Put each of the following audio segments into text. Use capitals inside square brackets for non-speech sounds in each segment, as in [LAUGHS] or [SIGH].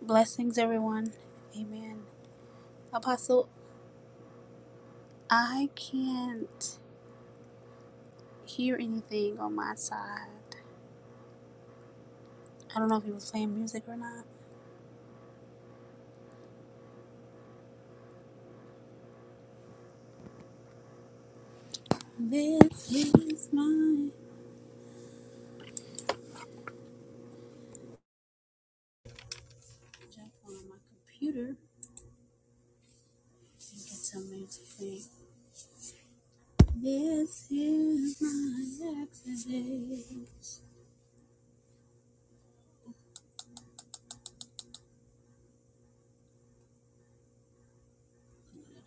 Blessings, everyone. Amen. Apostle, I can't hear anything on my side. I don't know if he was playing music or not. This is my jump on my computer and get some music playing. This is my exodus. I'm gonna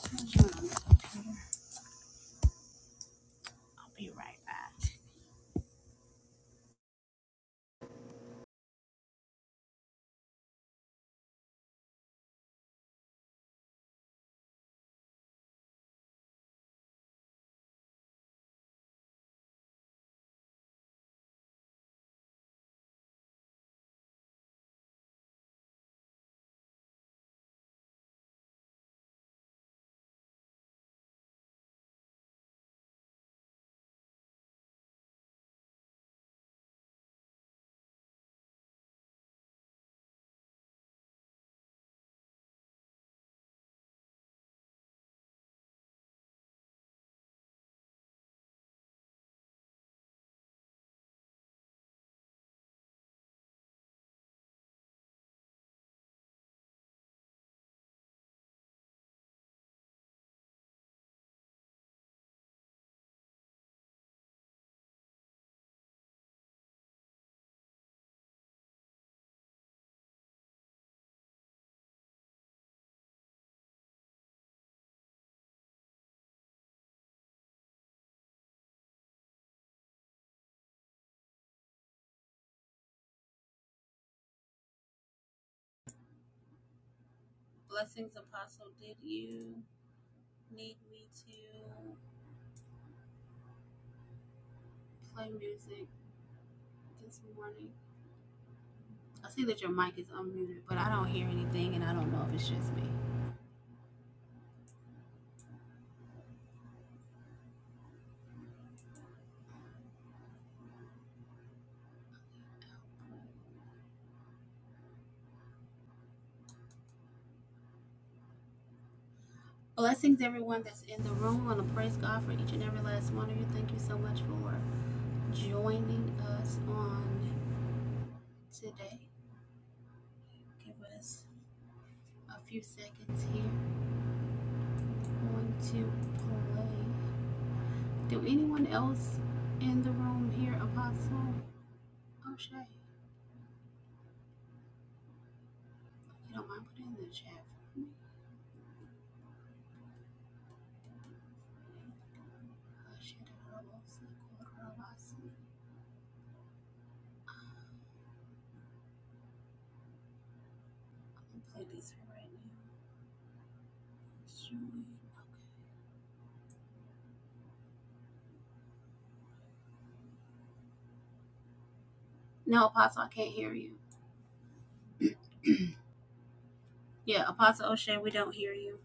I'm gonna on the computer. I'll be right back. Blessings, Apostle. Did you need me to play music this morning? I see that your mic is unmuted, but I don't hear anything, and I don't know if it's just me. Blessings, everyone that's in the room. I want to praise God for each and every last one of you. Thank you so much for joining us on today. Give us a few seconds here. I Going to play. Do anyone else in the room hear Apostle O'Shea? you don't mind, putting in the chat for me. No, Apostle, I can't hear you. Yeah, Apostle O'Shea, we don't hear you.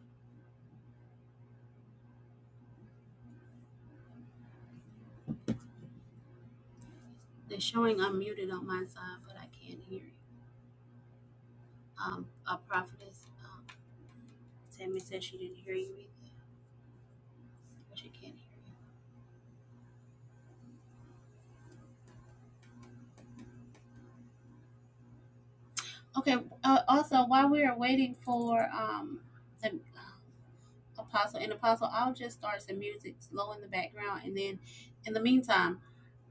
It's showing unmuted on my side, but I can't hear you. Um, a prophetess, um, Tammy said she didn't hear you either, but she can't hear you. Okay. Uh, also, while we are waiting for um the uh, apostle and apostle, I'll just start some music low in the background, and then in the meantime.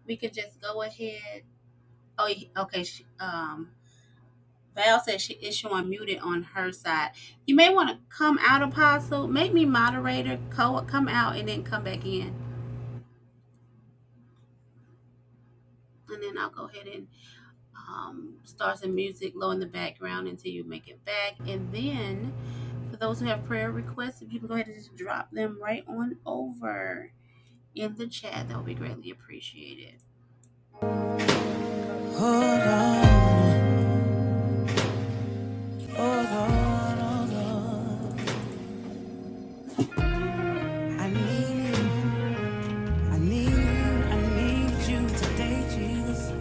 we could just go ahead. Oh, okay. She, um, Val said she is showing muted on her side. You may want to come out, Apostle. Make me moderator. Co- come out and then come back in, and then I'll go ahead and um, start some music low in the background until you make it back. And then for those who have prayer requests, if you can go ahead and just drop them right on over in the chat, that would be greatly appreciated. I need you. I need you, I need you today, Jesus.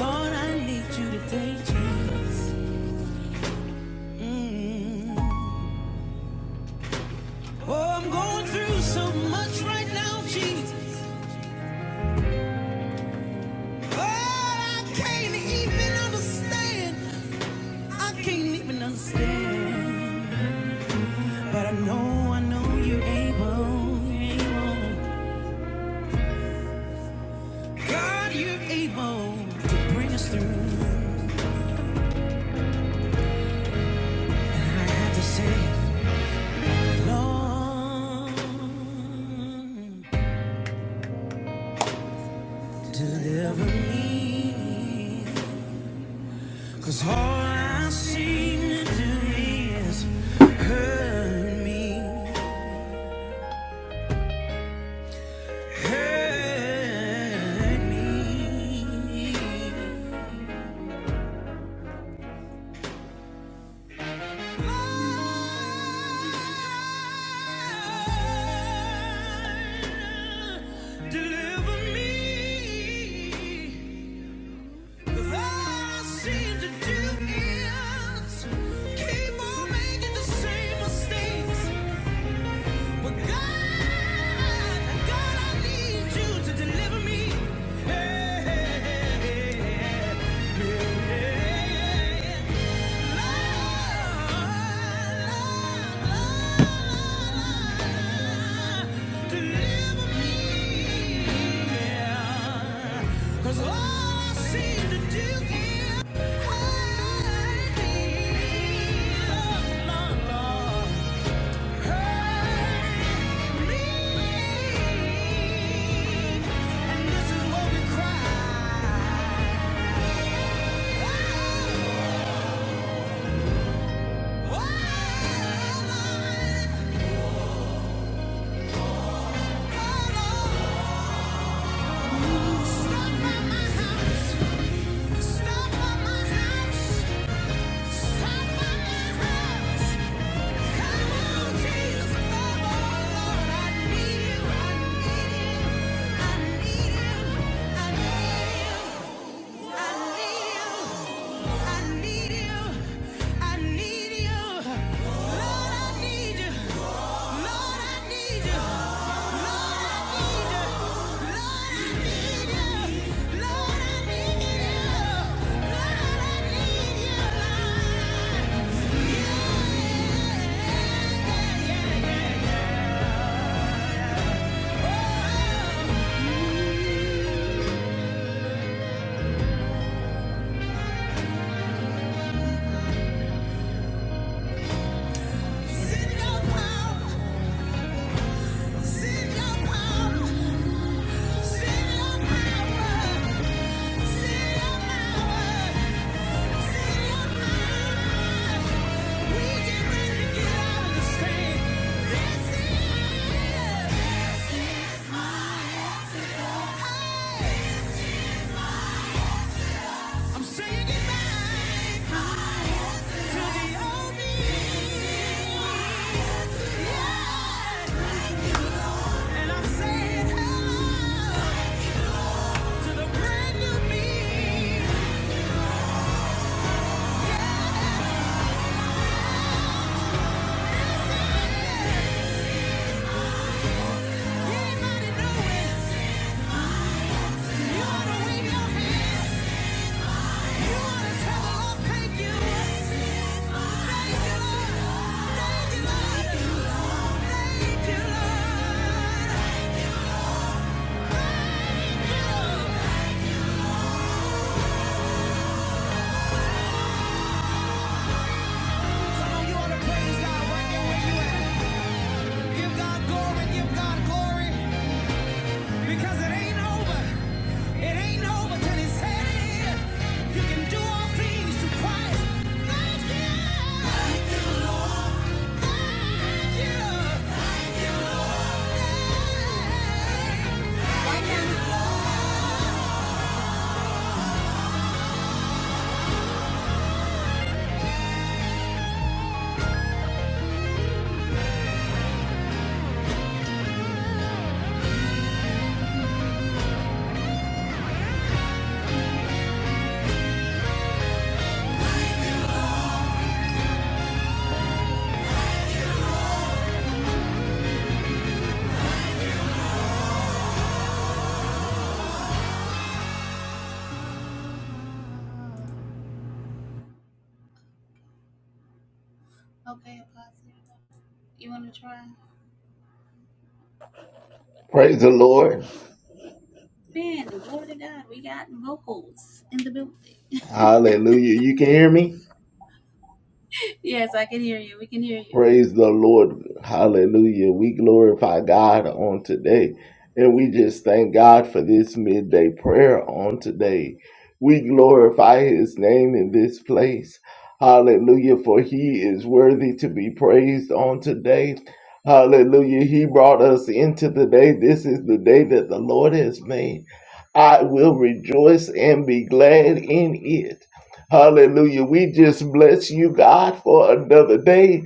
Lord, I need you today, Jesus. Mm. Oh, I'm going through so much right now, Jesus. Oh, I can't even understand. I can't even understand. But I know, I know you're able, you're able. God, you're able to bring us through. And I have to say, Lord. deliver me, 'cause all I seem to do is hurt me, hurt me. Lord, deliver me. Yeah. yeah, yeah, yeah, yeah, yeah, yeah, yeah, yeah. Cause all I seem to do is hurt me, Lord, Hurt me. And this is what we cry. Oh. I need you. Lord, I need you. Send your power. I'm saying goodbye to the old me. Yeah. And I'm saying hello to the brand new me. Yeah. Anybody know it? You ought to wave your hands. Give God glory, give God glory. Because it ain't over. It ain't over till it's said it is. You can do all things through Christ. Thank you. Thank you, Lord. Thank you. Thank you, Lord. Thank you, Lord. Okay, Apostle. You want to try? Praise the Lord. Man, glory to God. We got vocals in the building. Hallelujah. You can hear me? Yes, I can hear you. We can hear you. Praise the Lord. Hallelujah. We glorify God on today. And we just thank God for this midday prayer on today. We glorify his name in this place. Hallelujah. For he is worthy to be praised on today. Hallelujah. He brought us into the day. This is the day that the Lord has made. I will rejoice and be glad in it. Hallelujah. We just bless you, God, for another day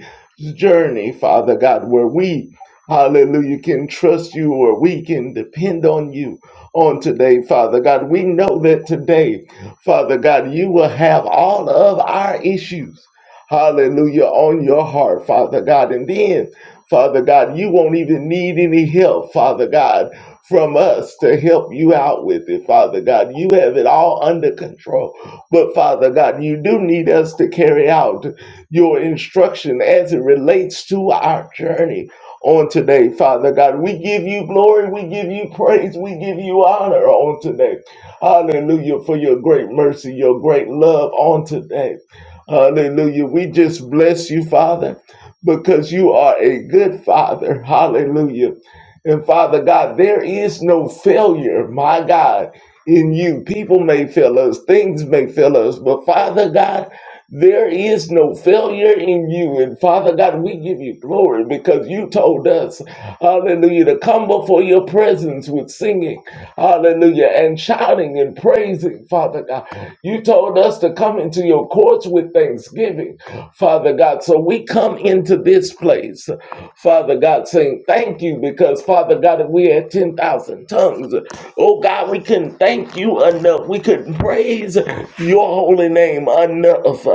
journey, Father God, where we, hallelujah, can trust you or we can depend on you on today, Father God. We know that today, Father God, you will have all of our issues, hallelujah, on your heart, Father God. And then, Father God, you won't even need any help, Father God, from us to help you out with it, Father God. You have it all under control. But Father God, you do need us to carry out your instruction as it relates to our journey on today, Father God. We give you glory, we give you praise, we give you honor on today. Hallelujah for your great mercy, your great love on today. Hallelujah. We just bless you, Father, because you are a good Father. Hallelujah. And Father God, there is no failure, my God, in you. People may fail us, things may fail us, but Father God, there is no failure in you. And Father God, we give you glory because you told us, hallelujah, to come before your presence with singing, hallelujah, and shouting and praising, Father God. You told us to come into your courts with thanksgiving, Father God. So we come into this place, Father God, saying, thank thank you because, Father God, if we had 10,000 tongues, oh God, we couldn't thank you enough. We couldn't praise your holy name enough.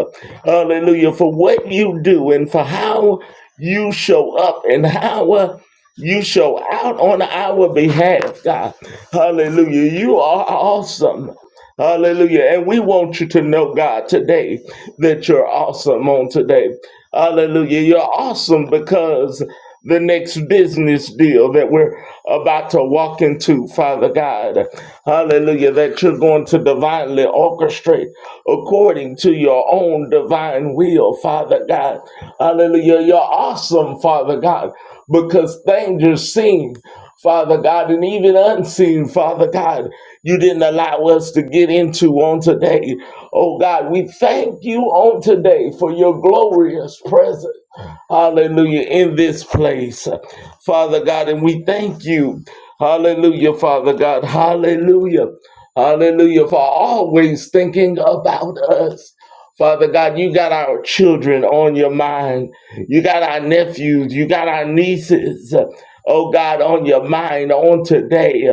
Hallelujah. For what you do and for how you show up and how uh, you show out on our behalf, God. Hallelujah. You are awesome. Hallelujah. And we want you to know, God, today that you're awesome on today. Hallelujah. You're awesome because the next business deal that we're about to walk into, Father God. Hallelujah. That you're going to divinely orchestrate according to your own divine will, Father God. Hallelujah. You're awesome, Father God, because things are seen. Father God, and even unseen, Father God, you didn't allow us to get into on today. Oh God, we thank you on today for your glorious presence. Hallelujah, in this place, Father God, and we thank you. Hallelujah, Father God. Hallelujah. Hallelujah, for always thinking about us. Father God, you got our children on your mind. You got our nephews. You got our nieces oh God, on your mind on today.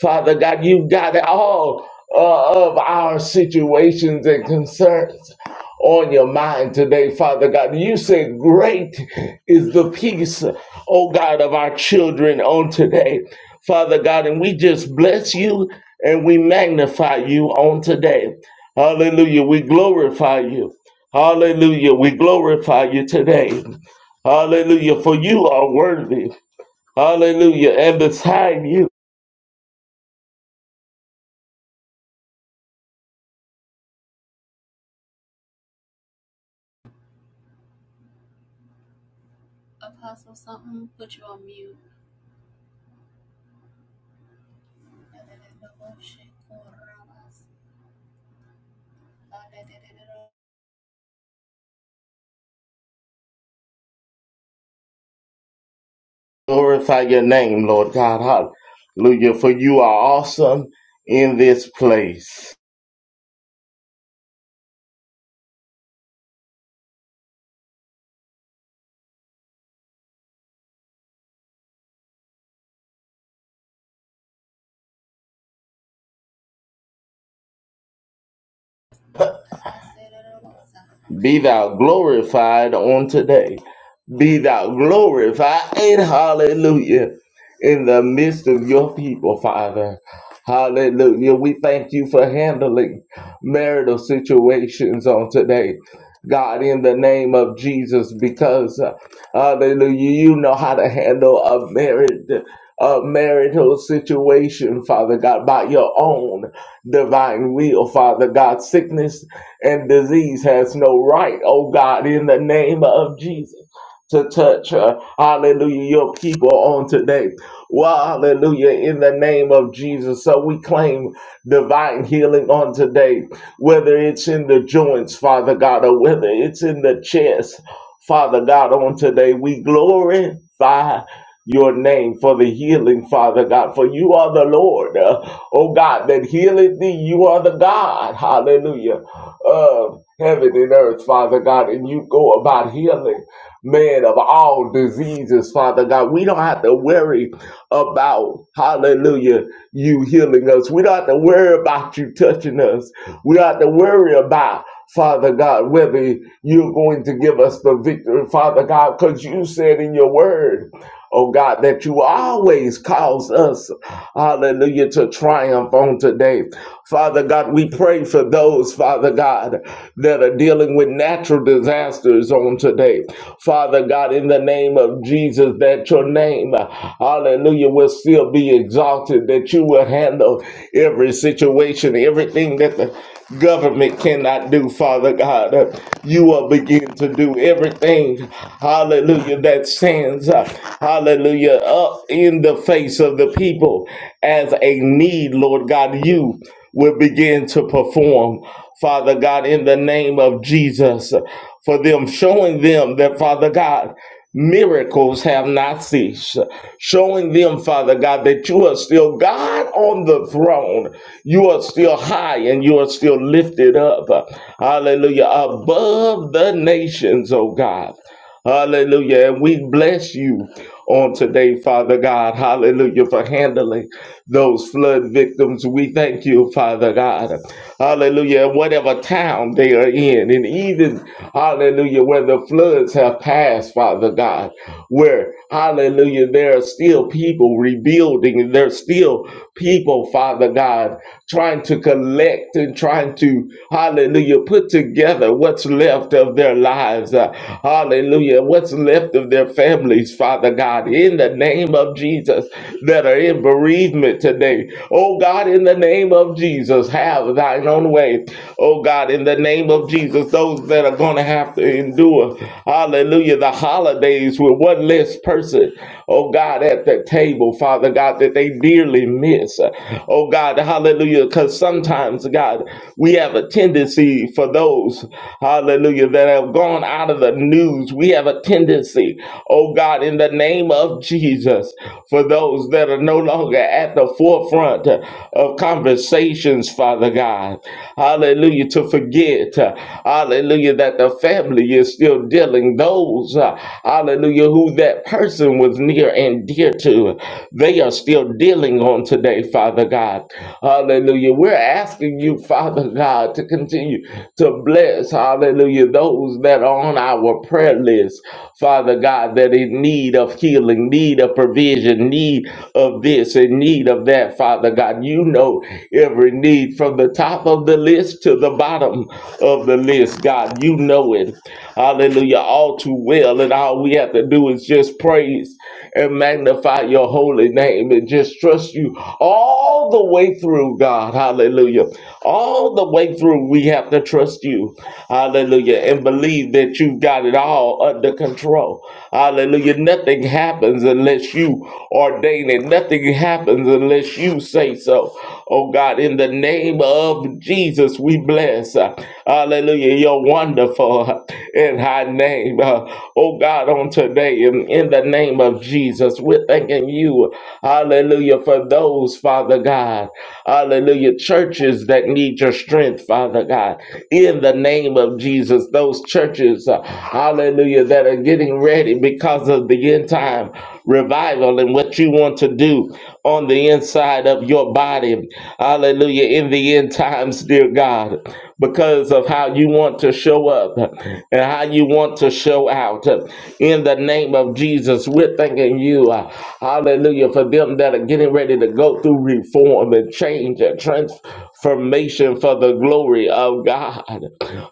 Father God, you've got all uh, of our situations and concerns on your mind today, Father God. You said, Great is the peace, oh God, of our children on today, Father God. And we just bless you and we magnify you on today. Hallelujah. We glorify you. Hallelujah. We glorify you today. Hallelujah. For you are worthy. Hallelujah. And beside you, Apostle, something put you on mute. glorify your name, Lord God. Hallelujah. For you are awesome in this place. Be thou glorified on today. Be thou glorified and hallelujah in the midst of your people, Father. Hallelujah. We thank you for handling marital situations on today. God, in the name of Jesus, because uh, hallelujah, you know how to handle a married a marital situation, Father God, by your own divine will, Father God. Sickness and disease has no right, oh God, in the name of Jesus. To touch, uh, hallelujah, your people on today. Well, hallelujah, in the name of Jesus. So we claim divine healing on today, whether it's in the joints, Father God, or whether it's in the chest, Father God, on today. We glorify your name for the healing, Father God, for you are the Lord, uh, oh God, that healeth thee. You are the God, hallelujah of heaven and earth, Father God, and you go about healing, man, of all diseases, Father God. We don't have to worry about, hallelujah, you healing us. We don't have to worry about you touching us. We don't have to worry about, Father God, whether you're going to give us the victory, Father God, because you said in your word, oh God, that you always cause us, hallelujah, to triumph on today. Father God, we pray for those, Father God, that are dealing with natural disasters on today. Father God, in the name of Jesus, that your name, hallelujah, will still be exalted, that you will handle every situation, everything that the government cannot do, Father God. You will begin to do everything, hallelujah, that stands, uh, hallelujah, up in the face of the people as a need, Lord God. You will begin to perform, Father God, in the name of Jesus, for them, showing them that, Father God, miracles have not ceased, showing them, Father God, that you are still God on the throne. You are still high and you are still lifted up, hallelujah, above the nations, oh God. Hallelujah. And we bless you on today, Father God. Hallelujah. For handling those flood victims. We thank you, Father God. Hallelujah. And whatever town they are in, and even, hallelujah, where the floods have passed, Father God, where, hallelujah, there are still people rebuilding. There's still people, Father God, trying to collect and trying to, hallelujah, put together what's left of their lives. Uh, Hallelujah. What's left of their families, Father God, in the name of Jesus, that are in bereavement today. Oh God, in the name of Jesus, have thine own way. Oh God, in the name of Jesus, those that are going to have to endure, hallelujah, the holidays with one less person, oh God, at the table, Father God, that they dearly miss. Oh God, hallelujah, because sometimes, God, we have a tendency for those, hallelujah, that have gone out out of the news. We have a tendency, oh God, in the name of Jesus, for those that are no longer at the forefront of conversations, Father God, hallelujah, to forget, hallelujah, that the family is still dealing those, uh, hallelujah, who that person was near and dear to, they are still dealing on today, Father God, hallelujah. We're asking you, Father God, to continue to bless, hallelujah, those those that are on our prayer list, Father God, that in need of healing, need of provision, need of this, in need of that, Father God. You know every need from the top of the list to the bottom of the list, God. You know it. Hallelujah. All too well. And all we have to do is just praise and magnify your holy name and just trust you all the way through, God. Hallelujah. All the way through, we have to trust you. Hallelujah. And believe that you've got it all under control. Hallelujah. Nothing happens unless you ordain it, nothing happens unless you say so. Oh God, in the name of Jesus, we bless. Hallelujah. You're wonderful in high name. Uh, oh God, on today, in, in the name of Jesus, we're thanking you. Hallelujah. For those, Father God. Hallelujah. Churches that need your strength, Father God. In the name of Jesus, those churches, uh, hallelujah, that are getting ready because of the end time revival and what you want to do on the inside of your body. Hallelujah. In the end times, dear God, because of how you want to show up and how you want to show out. In the name of Jesus, we're thanking you. uh, Hallelujah. For them that are getting ready to go through reform and change and transformation for the glory of God.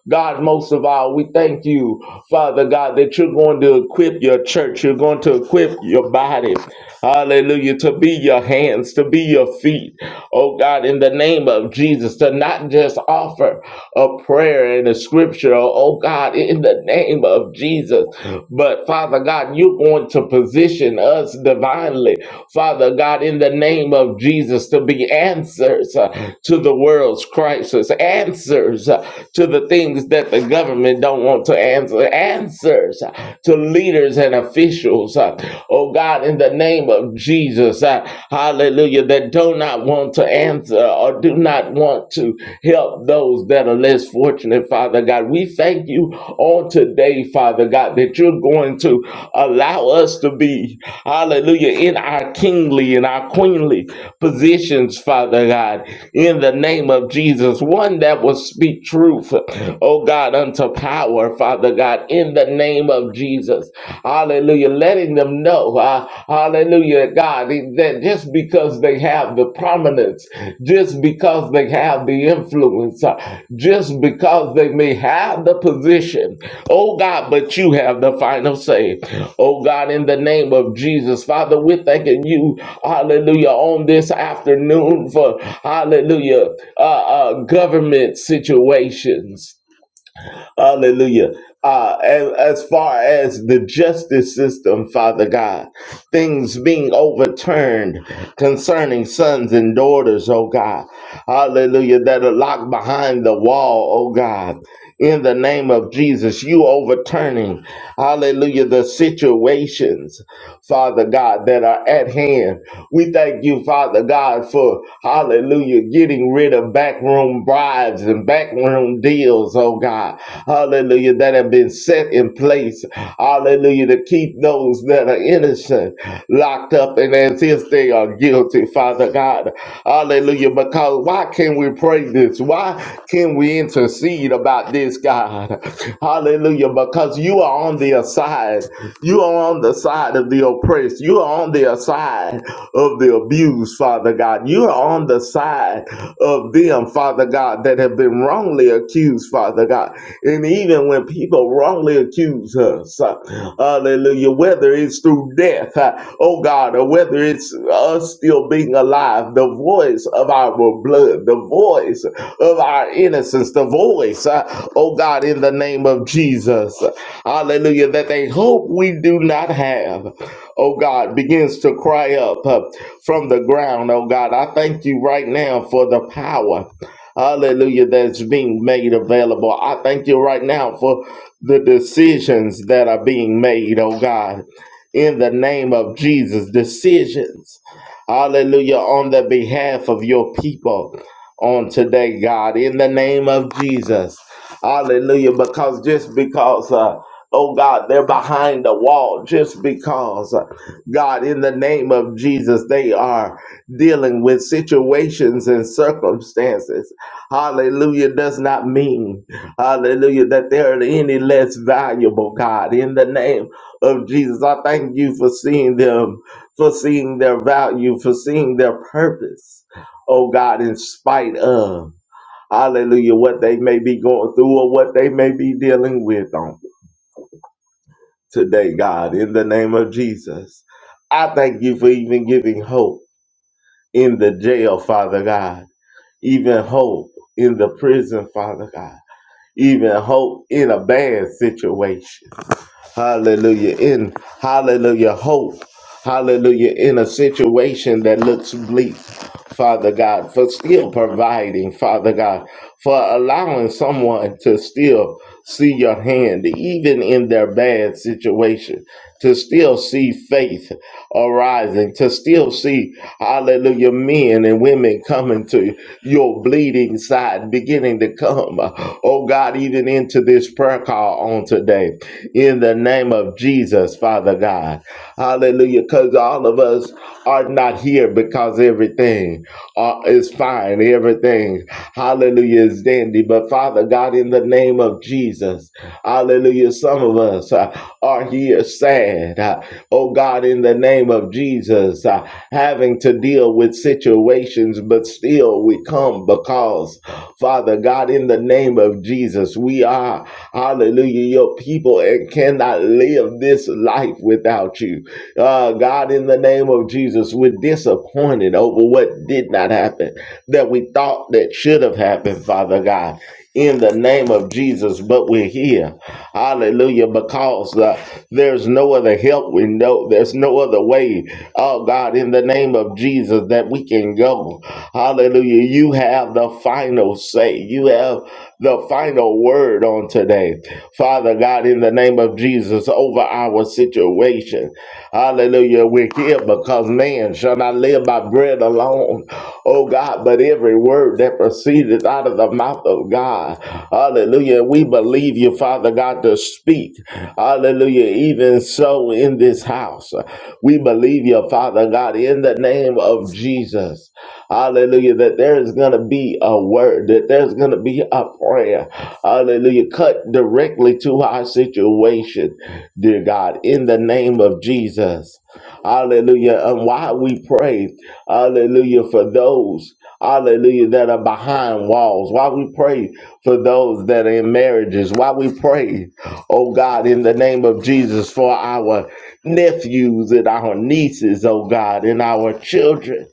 God, most of all, we thank you, Father God, that you're going to equip your church. You're going to equip your body. Hallelujah. To be your hands, to be your feet. Oh God, in the name of Jesus, to not just offer a prayer and a scripture. Oh God, in the name of Jesus. But Father God, you're going to position us divinely. Father God, in the name of Jesus, to be answers uh, to the world's crisis, answers uh, to the things things that the government don't want to answer. Answers uh, to leaders and officials, uh, oh God, in the name of Jesus, uh, hallelujah, that do not want to answer or do not want to help those that are less fortunate, Father God. We thank you on today, Father God, that you're going to allow us to be, hallelujah, in our kingly and our queenly positions, Father God, in the name of Jesus. One that will speak truth, [LAUGHS] oh God, unto power, Father God, in the name of Jesus. Hallelujah. Letting them know, uh, hallelujah, God, that just because they have the prominence, just because they have the influence, uh, just because they may have the position, oh God, but you have the final say. Oh God, in the name of Jesus, Father, we're thanking you, hallelujah, on this afternoon for, hallelujah, uh, uh, government situations. Hallelujah. Uh, and as far as the justice system, Father God, things being overturned concerning sons and daughters, oh God. Hallelujah. That are locked behind the wall, oh God. In the name of Jesus, you overturning, hallelujah, the situations. Father God, that are at hand. We thank you, Father God, for hallelujah, getting rid of backroom bribes and backroom deals, oh God. Hallelujah, that have been set in place. Hallelujah, to keep those that are innocent locked up and as if they are guilty, Father God. Hallelujah, because why can we pray this? Why can we intercede about this, God? Hallelujah, because you are on the side. You are on the side of the the oppressed. You are on the side of the abused, Father God. You are on the side of them, Father God, that have been wrongly accused, Father God. And even when people wrongly accuse us, uh, hallelujah, whether it's through death, uh, oh God, or whether it's us still being alive, the voice of our blood, the voice of our innocence, the voice, uh, oh God, in the name of Jesus, hallelujah, that they hope we do not have oh God, begins to cry up uh, from the ground, oh God. I thank you right now for the power, hallelujah, that's being made available. I thank you right now for the decisions that are being made, oh God, in the name of Jesus. Decisions, hallelujah, on the behalf of your people on today, God, in the name of Jesus. Hallelujah, because just because. Uh, Oh God, they're behind the wall just because, uh, God, in the name of Jesus, they are dealing with situations and circumstances. Hallelujah does not mean, hallelujah, that they're any less valuable, God, in the name of Jesus. I thank you for seeing them, for seeing their value, for seeing their purpose, oh God, in spite of, hallelujah, what they may be going through or what they may be dealing with on today, God, in the name of Jesus. I thank you for even giving hope in the jail, Father God, even hope in the prison, Father God, even hope in a bad situation. Hallelujah. In hallelujah hope. Hallelujah. In a situation that looks bleak. Father God, for still providing, Father God, for allowing someone to still see your hand, even in their bad situation, to still see faith arising, to still see, hallelujah, men and women coming to your bleeding side, beginning to come, oh God, even into this prayer call on today in the name of Jesus, Father God. Hallelujah. Because all of us are not here because everything uh, is fine. Everything, hallelujah, is dandy. But Father God, in the name of Jesus, Hallelujah. Some of us uh, are here sad. uh, oh God, in the name of Jesus, uh, having to deal with situations, but still we come because, Father God, in the name of Jesus, we are, hallelujah, your people and cannot live this life without you. Uh, God, in the name of Jesus, we're disappointed over what did not happen that we thought that should have happened, Father God in the name of Jesus, but we're here. Hallelujah. Because uh, there's no other help we know. There's no other way, oh God, in the name of Jesus that we can go. Hallelujah. You have the final say. You have the final word on today. Father God, in the name of Jesus, over our situation situation. Hallelujah. We're here because man shall not live by bread alone, oh God, but every word that proceeded out of the mouth of God. Hallelujah. We believe you, Father God, to speak. Hallelujah. Even so in this house, we believe you, Father God, in the name of Jesus. Hallelujah. That there is going to be a word, that there's going to be a prayer. Hallelujah. Cut directly to our situation dear God, in the name of Jesus. Hallelujah. And while we pray, hallelujah, for those, hallelujah, that are behind walls, while we pray for those that are in marriages, while we pray, oh God, in the name of Jesus, for our nephews and our nieces, oh God, and our children.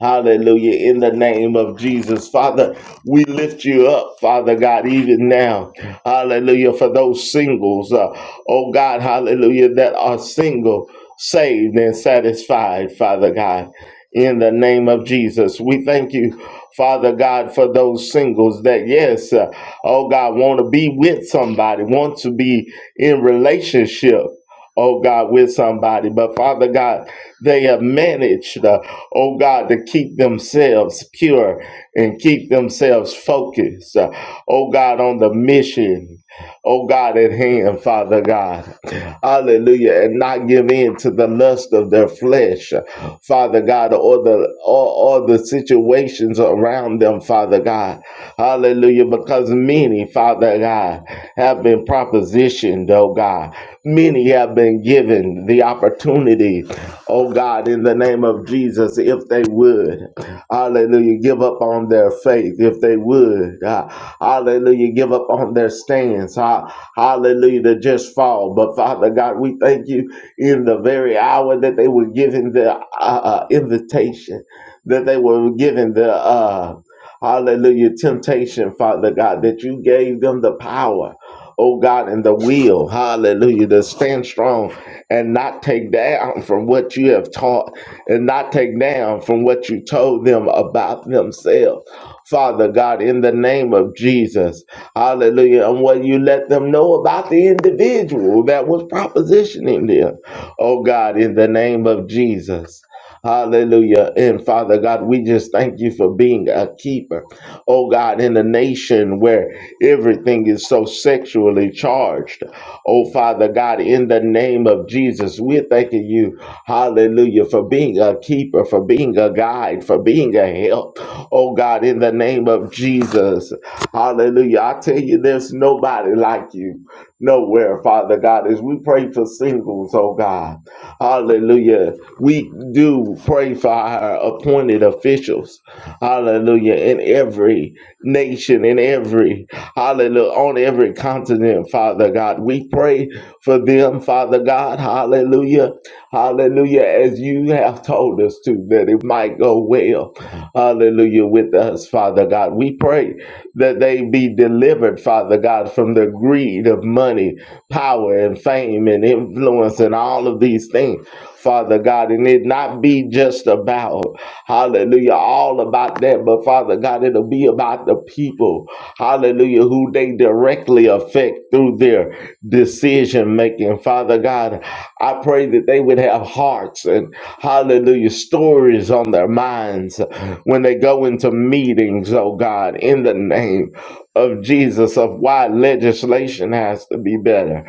Hallelujah. In the name of Jesus. Father, we lift you up, Father God, even now. Hallelujah. For those singles, uh, oh God, hallelujah, that are single, saved, and satisfied, Father God. In the name of Jesus, we thank you, Father God, for those singles that, yes, uh, oh God, want to be with somebody, want to be in relationship, oh God, with somebody. But Father God, they have managed, uh, oh God, to keep themselves pure and keep themselves focused, uh, oh God, on the mission oh God, at hand, Father God. Hallelujah. And not give in to the lust of their flesh, Father God, or the or, or the situations around them, Father God. Hallelujah. Because many, Father God, have been propositioned, oh God. Many have been given the the opportunity, oh God, in the name of Jesus, if they would, hallelujah, give up on their faith, if they would, uh, hallelujah, give up on their stands, ha- hallelujah, to just fall. But Father God, we thank you in the very hour that they were given the uh, uh, invitation, that they were given the, uh, hallelujah, temptation, Father God, that you gave them the power oh God, in the will, hallelujah, to stand strong and not take down from what you have taught and not take down from what you told them about themselves. Father God, in the name of Jesus, hallelujah. And what you let them know about the individual that was propositioning them, oh God, in the name of Jesus. Hallelujah. And Father God, we just thank you for being a keeper. Oh God, in a nation where everything is so sexually charged. Oh Father God, in the name of Jesus, we're thanking you. Hallelujah. For being a keeper, for being a guide, for being a help. Oh God, in the name of Jesus. Hallelujah. I tell you, there's nobody like you nowhere, Father God, as we pray for singles, oh God. Hallelujah. We do pray for our appointed officials. Hallelujah. In every nation, in every, hallelujah, on every continent, Father God. We pray for them, Father God. Hallelujah. Hallelujah. As you have told us to, that it might go well. Hallelujah. With us, Father God. We pray that they be delivered, Father God, from the greed of money power and fame and influence and all of these things, Father God. And it not be just about, hallelujah, all about that, but Father God, it'll be about the people, hallelujah, who they directly affect through their decision making. Father God, I pray that they would have hearts and, hallelujah, stories on their minds when they go into meetings, oh God, in the name of Jesus, of why legislation has to be better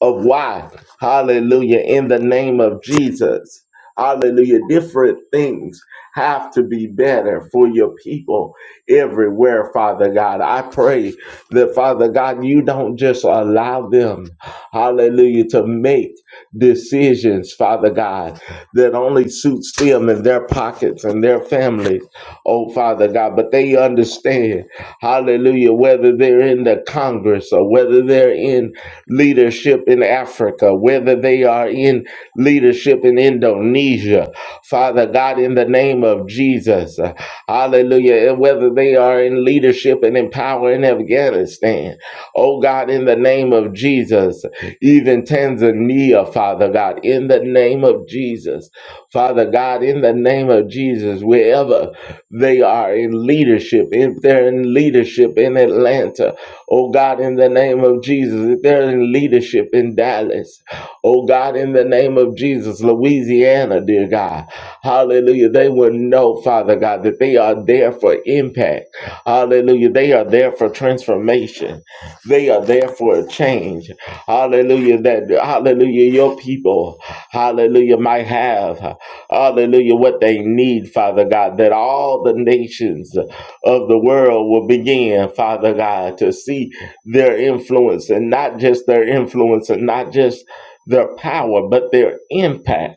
of why. Hallelujah. In the name of Jesus. Hallelujah. Different things have to be better for your people everywhere, Father God. I pray that, Father God, you don't just allow them, hallelujah, to make decisions, Father God, that only suits them and their pockets and their families, oh, Father God. But they understand, hallelujah, whether they're in the Congress or whether they're in leadership in Africa, whether they are in leadership in Indonesia, Father God, in the name of Jesus, uh, hallelujah, and whether they are in leadership and in power in Afghanistan. Oh God, in the name of Jesus, even Tanzania, Father God, in the name of Jesus, Father God, in the name of Jesus, wherever they are in leadership, if they're in leadership in Atlanta, oh God, in the name of Jesus, if they're in leadership in Dallas, oh God, in the name of Jesus, Louisiana, dear God, hallelujah, they will know, Father God, that they are there for impact, hallelujah, they are there for transformation. They are there for a change. Hallelujah. That hallelujah, your people, hallelujah, might have, hallelujah, what they need, Father God, that all the nations of the world will begin, Father God, to see their influence and not just their influence and not just their power, but their impact.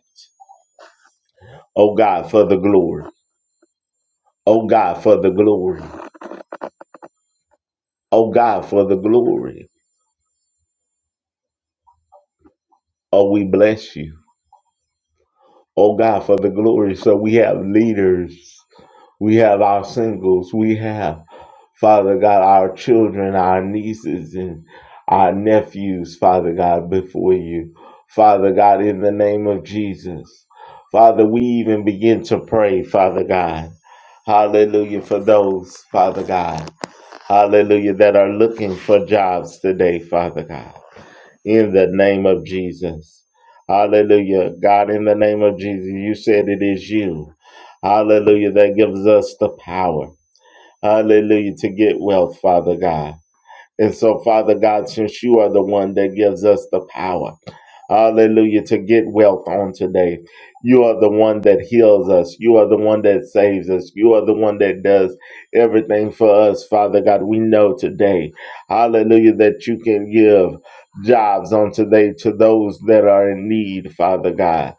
Oh God, for the glory. Oh God, for the glory. Oh God, for the glory. Oh, we bless you. Oh God, for the glory. So we have leaders, we have our singles, we have, Father God, our children, our nieces, and our nephews, Father God, before you. Father God, in the name of Jesus. Father, we even begin to pray, Father God. Hallelujah for those, Father God. Hallelujah, that are looking for jobs today, Father God in the name of Jesus. Hallelujah. God, in the name of Jesus, you said it is you. Hallelujah. That gives us the power. Hallelujah. To get wealth, Father God. And so, Father God, since you are the one that gives us the power, hallelujah, to get wealth on today, you are the one that heals us. You are the one that saves us. You are the one that does everything for us, Father God. We know today, hallelujah, that you can give jobs on today to those that are in need, Father God.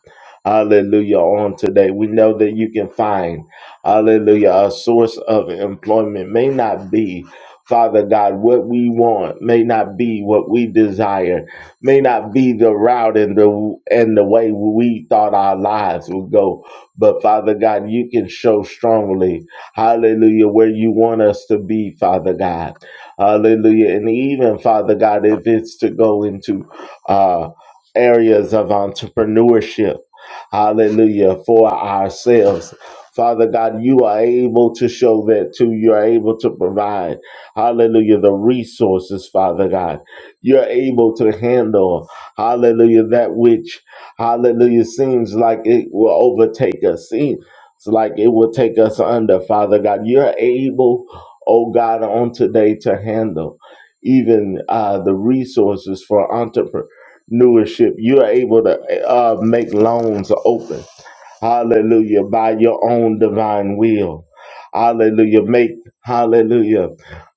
Hallelujah. On today, we know that you can find, hallelujah, a source of employment may not be. Father God, what we want may not be what we desire, may not be the route and the and the way we thought our lives would go. But Father God, you can show strongly, hallelujah, where you want us to be, Father God. Hallelujah. And even Father God, if it's to go into uh areas of entrepreneurship, hallelujah, for ourselves. Father God, you are able to show that too. You are able to provide. Hallelujah. The resources, Father God. You're able to handle, hallelujah, that which, hallelujah, seems like it will overtake us, seems like it will take us under, Father God. You're able, oh God, on today to handle even uh, the resources for entrepreneurship. You're able to uh, make loans open. Hallelujah. By your own divine will. Hallelujah. Make, hallelujah,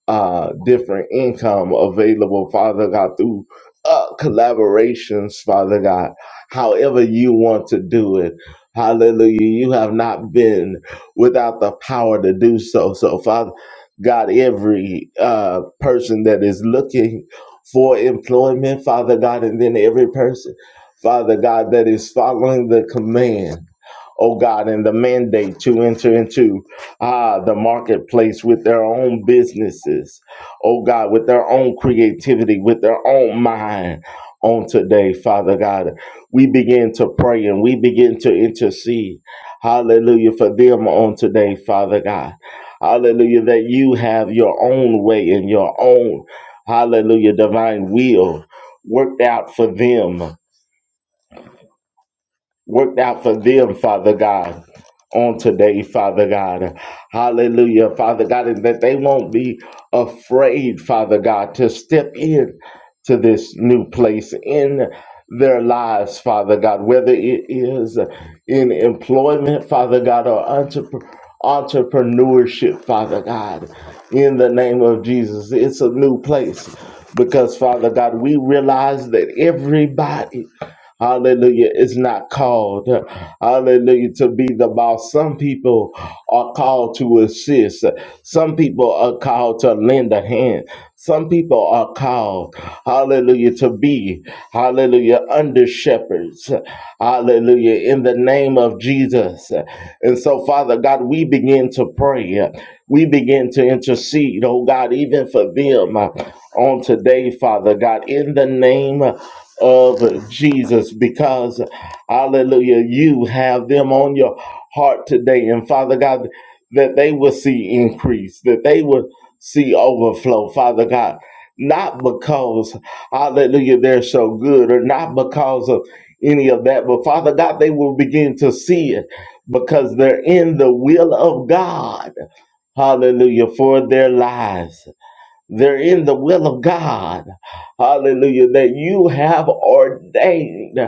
uh, different income available, Father God, through uh, collaborations, Father God. However you want to do it. Hallelujah. You have not been without the power to do so. So, Father God, every uh, person that is looking for employment, Father God, and then every person, Father God, that is following the command oh God, and the mandate to enter into ah the marketplace with their own businesses, oh God, with their own creativity, with their own mind. On today, Father God, we begin to pray and we begin to intercede. Hallelujah for them on today, Father God. Hallelujah that you have your own way and your own, hallelujah, divine will worked out for them worked out for them, Father God, on today, Father God. Hallelujah, Father God, and that they won't be afraid, Father God, to step in to this new place in their lives, Father God, whether it is in employment, Father God, or entrepreneur. Entrepreneurship, Father God, in the name of Jesus. It's a new place because, Father God, we realize that everybody Hallelujah. It's not called. Hallelujah. To be the boss. Some people are called to assist. Some people are called to lend a hand. Some people are called. Hallelujah. To be. Hallelujah. Under shepherds. Hallelujah. In the name of Jesus. And so, Father God, we begin to pray. We begin to intercede, oh God, even for them on today, Father God, in the name of Jesus because, hallelujah, you have them on your heart today. And Father God, that they will see increase, that they will see overflow, Father God. Not because, hallelujah, they're so good or not because of any of that, but Father God, they will begin to see it because they're in the will of God, hallelujah, for their lives. They're in the will of God. Hallelujah. That you have ordained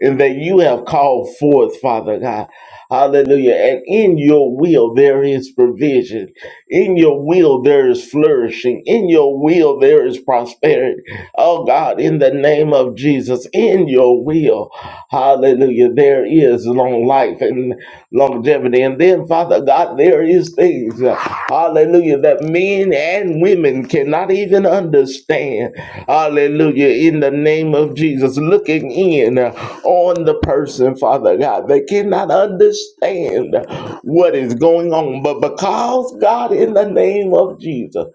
and that you have called forth, Father God. Hallelujah. And in your will, there is provision. In your will, there is flourishing. In your will, there is prosperity. Oh God, in the name of Jesus, in your will, hallelujah, there is long life. and longevity. And then, Father God, there is things, uh, hallelujah, that men and women cannot even understand. Hallelujah, in the name of Jesus, looking in uh, on the person, Father God, they cannot understand what is going on. But because God, in the name of Jesus,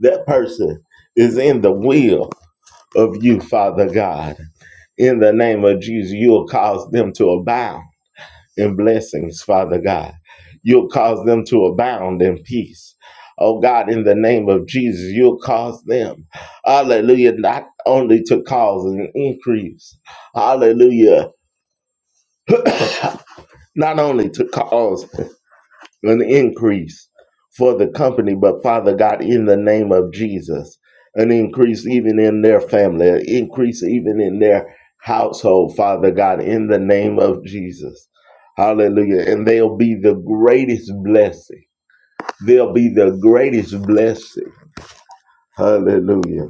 that person is in the will of you, Father God. In the name of Jesus, you'll cause them to abound and blessings, Father God. You'll cause them to abound in peace. Oh God, in the name of Jesus, you'll cause them, hallelujah, not only to cause an increase, hallelujah, not only to cause an increase for the company, but Father God, in the name of Jesus, an increase even in their family, an increase even in their household, Father God, in the name of Jesus. Hallelujah. And they'll be the greatest blessing. They'll be the greatest blessing. Hallelujah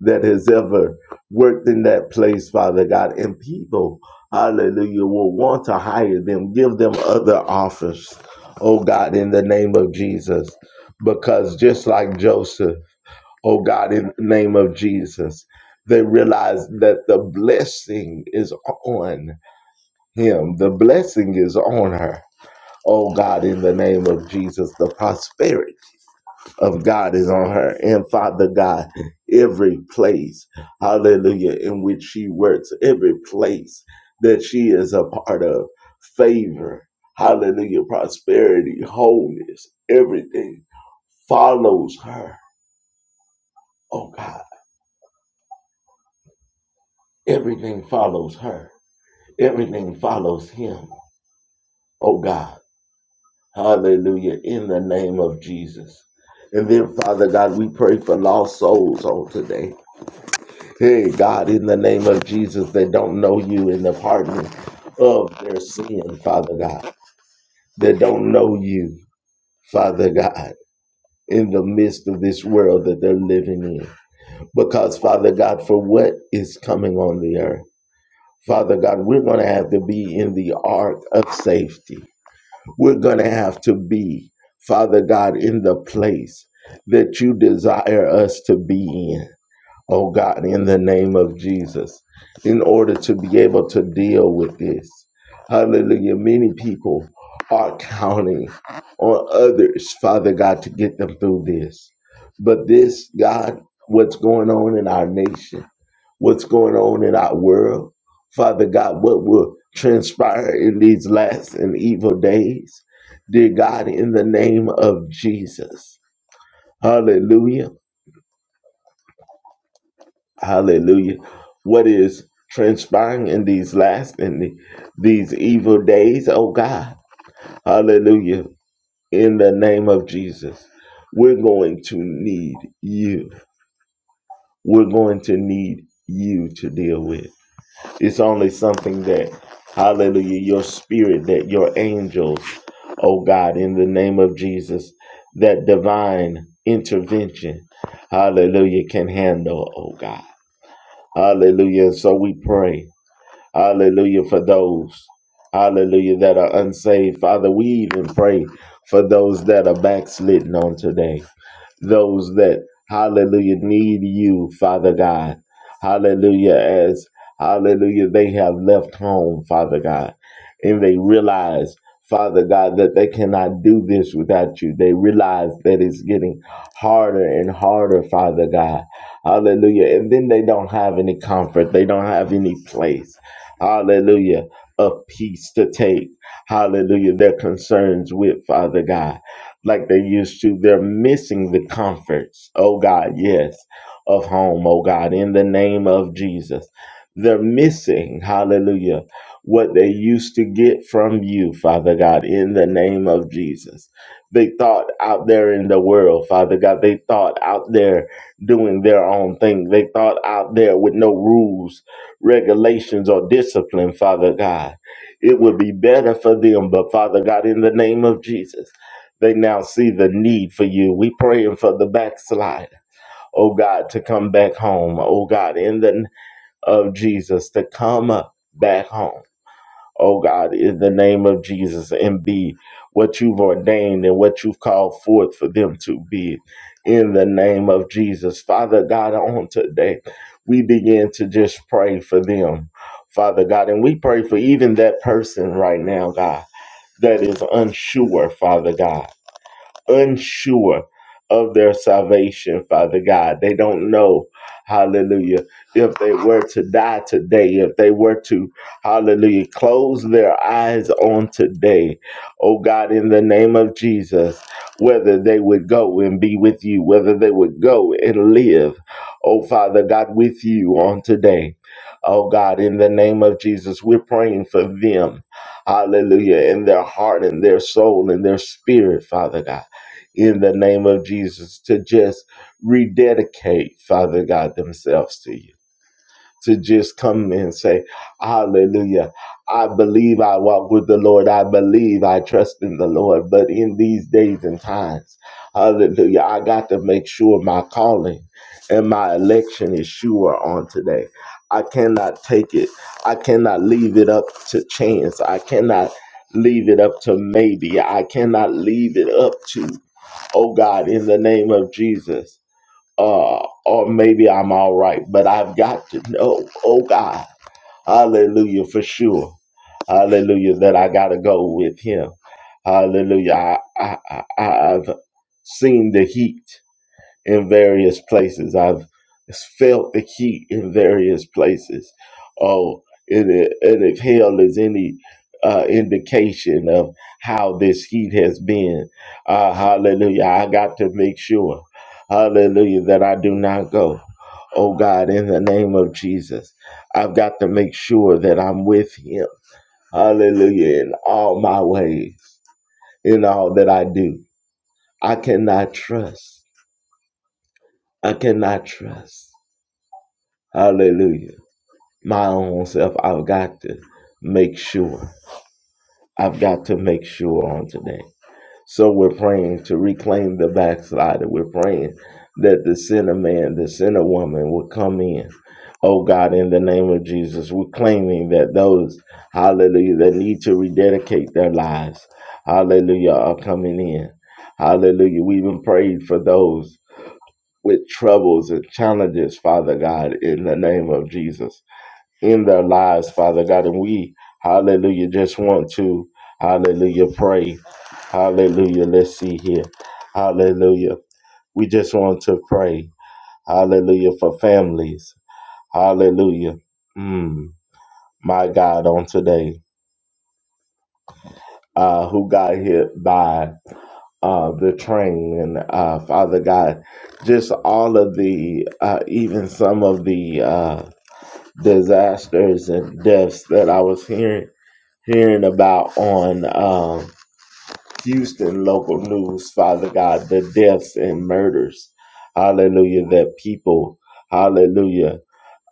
that has ever worked in that place, Father God. And people, hallelujah, will want to hire them, give them other offers, oh God, in the name of Jesus. Because just like Joseph, oh God, in the name of Jesus, they realize that the blessing is on him, the blessing is on her. Oh God, in the name of Jesus, the prosperity of God is on her. And Father God, every place, hallelujah, in which she works, every place that she is a part of, favor, hallelujah, prosperity, wholeness, everything follows her, oh God. Everything follows her. Everything follows him, oh God. Hallelujah, in the name of Jesus. And then, Father God, we pray for lost souls on today. Hey, God, in the name of Jesus, that don't know you in the pardon of their sin, Father God, that don't know you, Father God, in the midst of this world that they're living in. Because, Father God, for what is coming on the earth, Father God, we're going to have to be in the ark of safety. We're going to have to be, Father God, in the place that you desire us to be in. oh God, in the name of Jesus, in order to be able to deal with this. Hallelujah. Many people are counting on others, Father God, to get them through this. But this, God, what's going on in our nation, what's going on in our world, Father God, what will transpire in these last and evil days, dear God, in the name of Jesus. Hallelujah. Hallelujah. What is transpiring in these last and the- these evil days, oh God. Hallelujah. In the name of Jesus, we're going to need you. We're going to need you to deal with. It's only something that, hallelujah, your spirit, that your angels, oh God, in the name of Jesus, that divine intervention, hallelujah, can handle, oh God. Hallelujah. So we pray. Hallelujah for those. Hallelujah that are unsaved. Father, we even pray for those that are backslidden on today those that hallelujah need you father god hallelujah as hallelujah they have left home father god and they realize father god that they cannot do this without you they realize that it's getting harder and harder father god hallelujah and then they don't have any comfort they don't have any place hallelujah, of peace to take, hallelujah, their concerns with Father God, like they used to. They're missing the comforts, oh God, yes, of home, oh God, in the name of Jesus. They're missing, hallelujah, what they used to get from you, Father God, in the name of Jesus. They thought out there in the world, Father God, they thought out there doing their own thing. They thought out there with no rules regulations or discipline, Father God. It would be better for them, but Father God, in the name of Jesus, they now see the need for you. We praying for the backslider, oh God, to come back home. Oh God, in the name of Jesus, to come uh, back home oh God, in the name of Jesus, and be what you've ordained and what you've called forth for them to be in the name of Jesus. Father God, on today, we begin to just pray for them, Father God, and we pray for even that person right now, God, that is unsure, Father God unsure of their salvation, Father God. They don't know, hallelujah, if they were to die today, if they were to, hallelujah, close their eyes on today, oh God, in the name of Jesus, whether they would go and be with you, whether they would go and live, oh Father God, with you on today. Oh God, in the name of Jesus, we're praying for them. Hallelujah. In their heart and their soul and their spirit, Father God in the name of Jesus to just rededicate, Father God, themselves to you. To just come and say, Hallelujah. I believe I walk with the Lord. I believe I trust in the Lord. But in these days and times, Hallelujah, I got to make sure my calling and my election is sure on today. I cannot take it. I cannot leave it up to chance. I cannot leave it up to maybe. I cannot leave it up to oh God, in the name of Jesus. Uh, or maybe I'm all right, but I've got to know, oh God, hallelujah, for sure. Hallelujah, that I got to go with him. Hallelujah. I, I, I, I've seen the heat in various places. I've felt the heat in various places. Oh, and, it, and if hell is any uh, indication of how this heat has been, uh, hallelujah, I got to make sure, hallelujah, that I do not go. Oh God, in the name of Jesus, I've got to make sure that I'm with Him. Hallelujah, in all my ways, in all that I do. I cannot trust. I cannot trust. Hallelujah. My own self, I've got to make sure. I've got to make sure on today. So we're praying to reclaim the backslider. We're praying that the sinner man, the sinner woman will come in. Oh God, in the name of Jesus, we're claiming that those, hallelujah, that need to rededicate their lives, hallelujah, are coming in. Hallelujah. We even prayed for those with troubles and challenges, Father God, in the name of Jesus in their lives, Father God. And we, hallelujah, just want to, hallelujah, pray. Hallelujah. Let's see here. Hallelujah. We just want to pray. Hallelujah for families. Hallelujah. Mm, my God, on today, uh, who got hit by uh, the train and uh, Father God, just all of the, uh, even some of the uh, disasters and deaths that I was hearing hearing about on um, Houston local news, Father God, the deaths and murders, hallelujah, that people, hallelujah,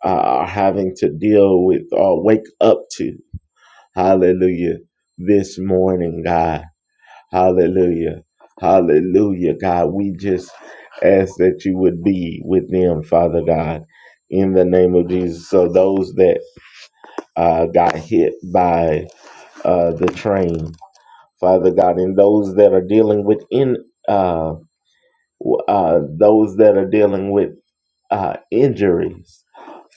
uh, are having to deal with or wake up to, hallelujah, this morning, God, hallelujah, hallelujah, God, we just ask that you would be with them, Father God. In the name of Jesus, so those that uh, got hit by uh, the train, Father God, and those that are dealing with in uh, uh, those that are dealing with uh, injuries,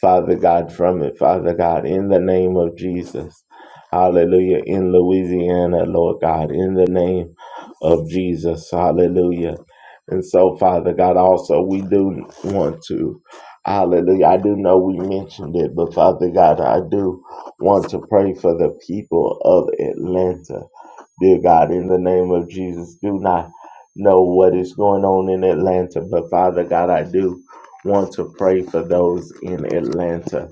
Father God, from it, Father God, in the name of Jesus. Hallelujah. In Louisiana, Lord God, in the name of Jesus. Hallelujah. And so, Father God, also, we do want to, hallelujah. I do know we mentioned it, but Father God, I do want to pray for the people of Atlanta. Dear God, in the name of Jesus, do not know what is going on in Atlanta, but Father God, I do want to pray for those in Atlanta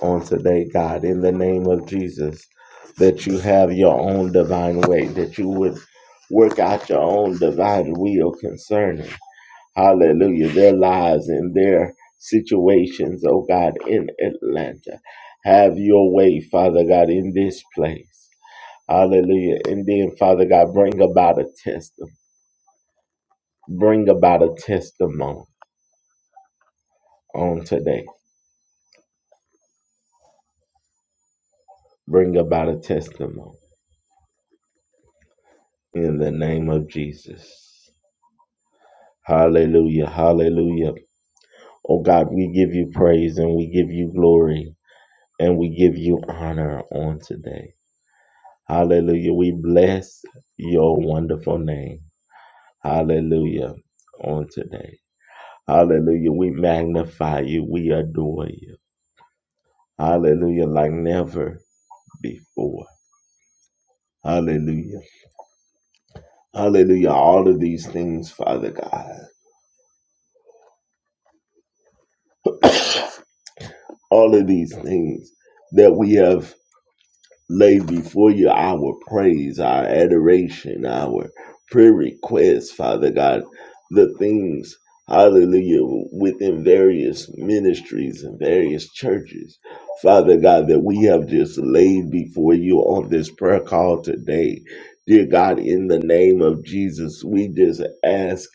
on today, God, in the name of Jesus, that you have your own divine way, that you would work out your own divine will concerning, hallelujah, their lives and their situations, oh God, in Atlanta. Have your way, Father God, in this place. Hallelujah. And then, Father God, bring about a testimony. Bring about a testimony on today. Bring about a testimony. in the name of Jesus. Hallelujah. Hallelujah. Oh God, we give you praise and we give you glory and we give you honor on today. Hallelujah. We bless your wonderful name. Hallelujah. On today. Hallelujah. We magnify you. We adore you. Hallelujah. Like never before. Hallelujah. Hallelujah. All of these things, Father God. All of these things that we have lay before you our praise, our adoration, our prayer requests, Father God, the things, hallelujah, within various ministries and various churches, Father God, that we have just laid before you on this prayer call today. Dear God, in the name of Jesus, we just ask,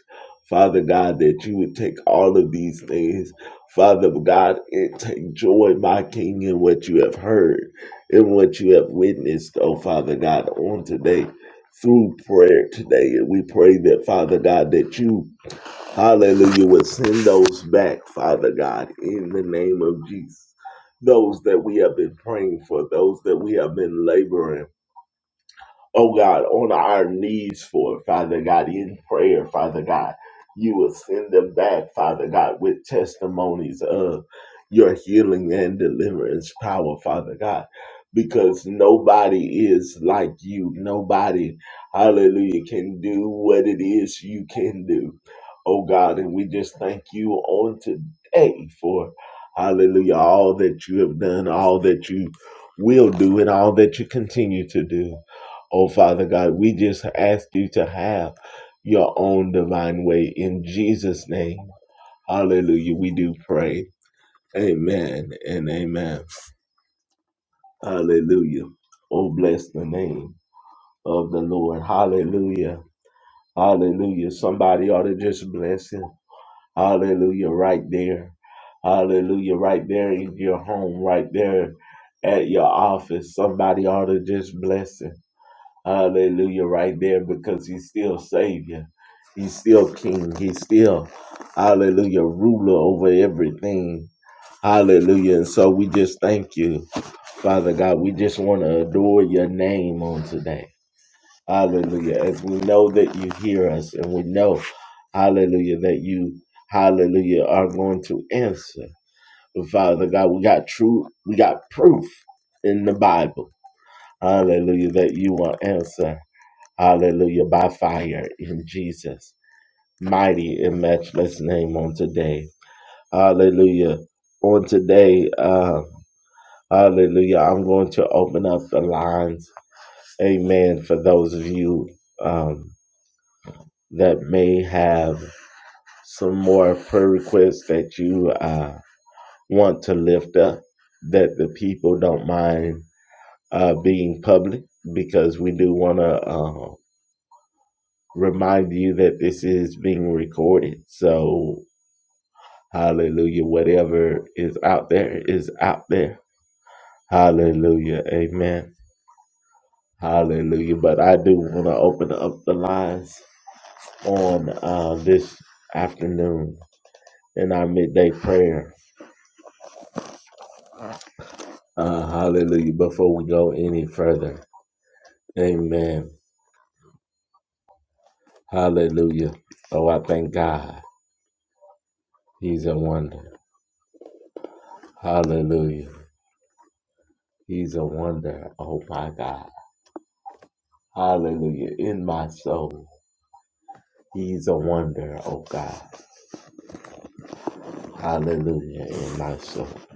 Father God, that you would take all of these things. Father God, and take joy, my King, in what you have heard. In what you have witnessed, oh Father God, on today through prayer today. And we pray that, Father God, that you, hallelujah, would send those back, Father God, in the name of Jesus. Those that we have been praying for, those that we have been laboring oh God, on our knees for it, Father God, in prayer, Father God. You will send them back, Father God, with testimonies of your healing and deliverance power, Father God, because nobody is like you. Nobody, hallelujah, can do what it is you can do. Oh God, and we just thank you on today for, hallelujah, all that you have done, all that you will do, and all that you continue to do. Oh, Father God, we just ask you to have your own divine way in Jesus' name. Hallelujah. We do pray. Amen and amen. Hallelujah. Oh, bless the name of the Lord. Hallelujah. Hallelujah. Somebody ought to just bless him. Hallelujah. Right there. Hallelujah. Right there in your home, right there at your office. Somebody ought to just bless him. Hallelujah, right there, because he's still Savior. He's still King. He's still, hallelujah, ruler over everything. Hallelujah. And so we just thank you, Father God. We just want to adore your name on today. Hallelujah. As we know that you hear us and we know, hallelujah, that you, hallelujah, are going to answer. But Father God, we got true, we got proof in the Bible. Hallelujah, that you will answer. Hallelujah. By fire in Jesus. Mighty and matchless name on today. Hallelujah. On today, uh, hallelujah. I'm going to open up the lines. Amen. For those of you um, that may have some more prayer requests that you uh, want to lift up, that the people don't mind uh, being public, because we do want to uh, remind you that this is being recorded. So Hallelujah. Whatever is out there is out there. Hallelujah. Amen. Hallelujah. But I do want to open up the lines on uh, this afternoon in our midday prayer. Uh, hallelujah. Before we go any further. Amen. Hallelujah. Oh, I thank God. He's a wonder. Hallelujah. He's a wonder. Oh, my God. Hallelujah. In my soul. He's a wonder, oh God. Hallelujah in myself.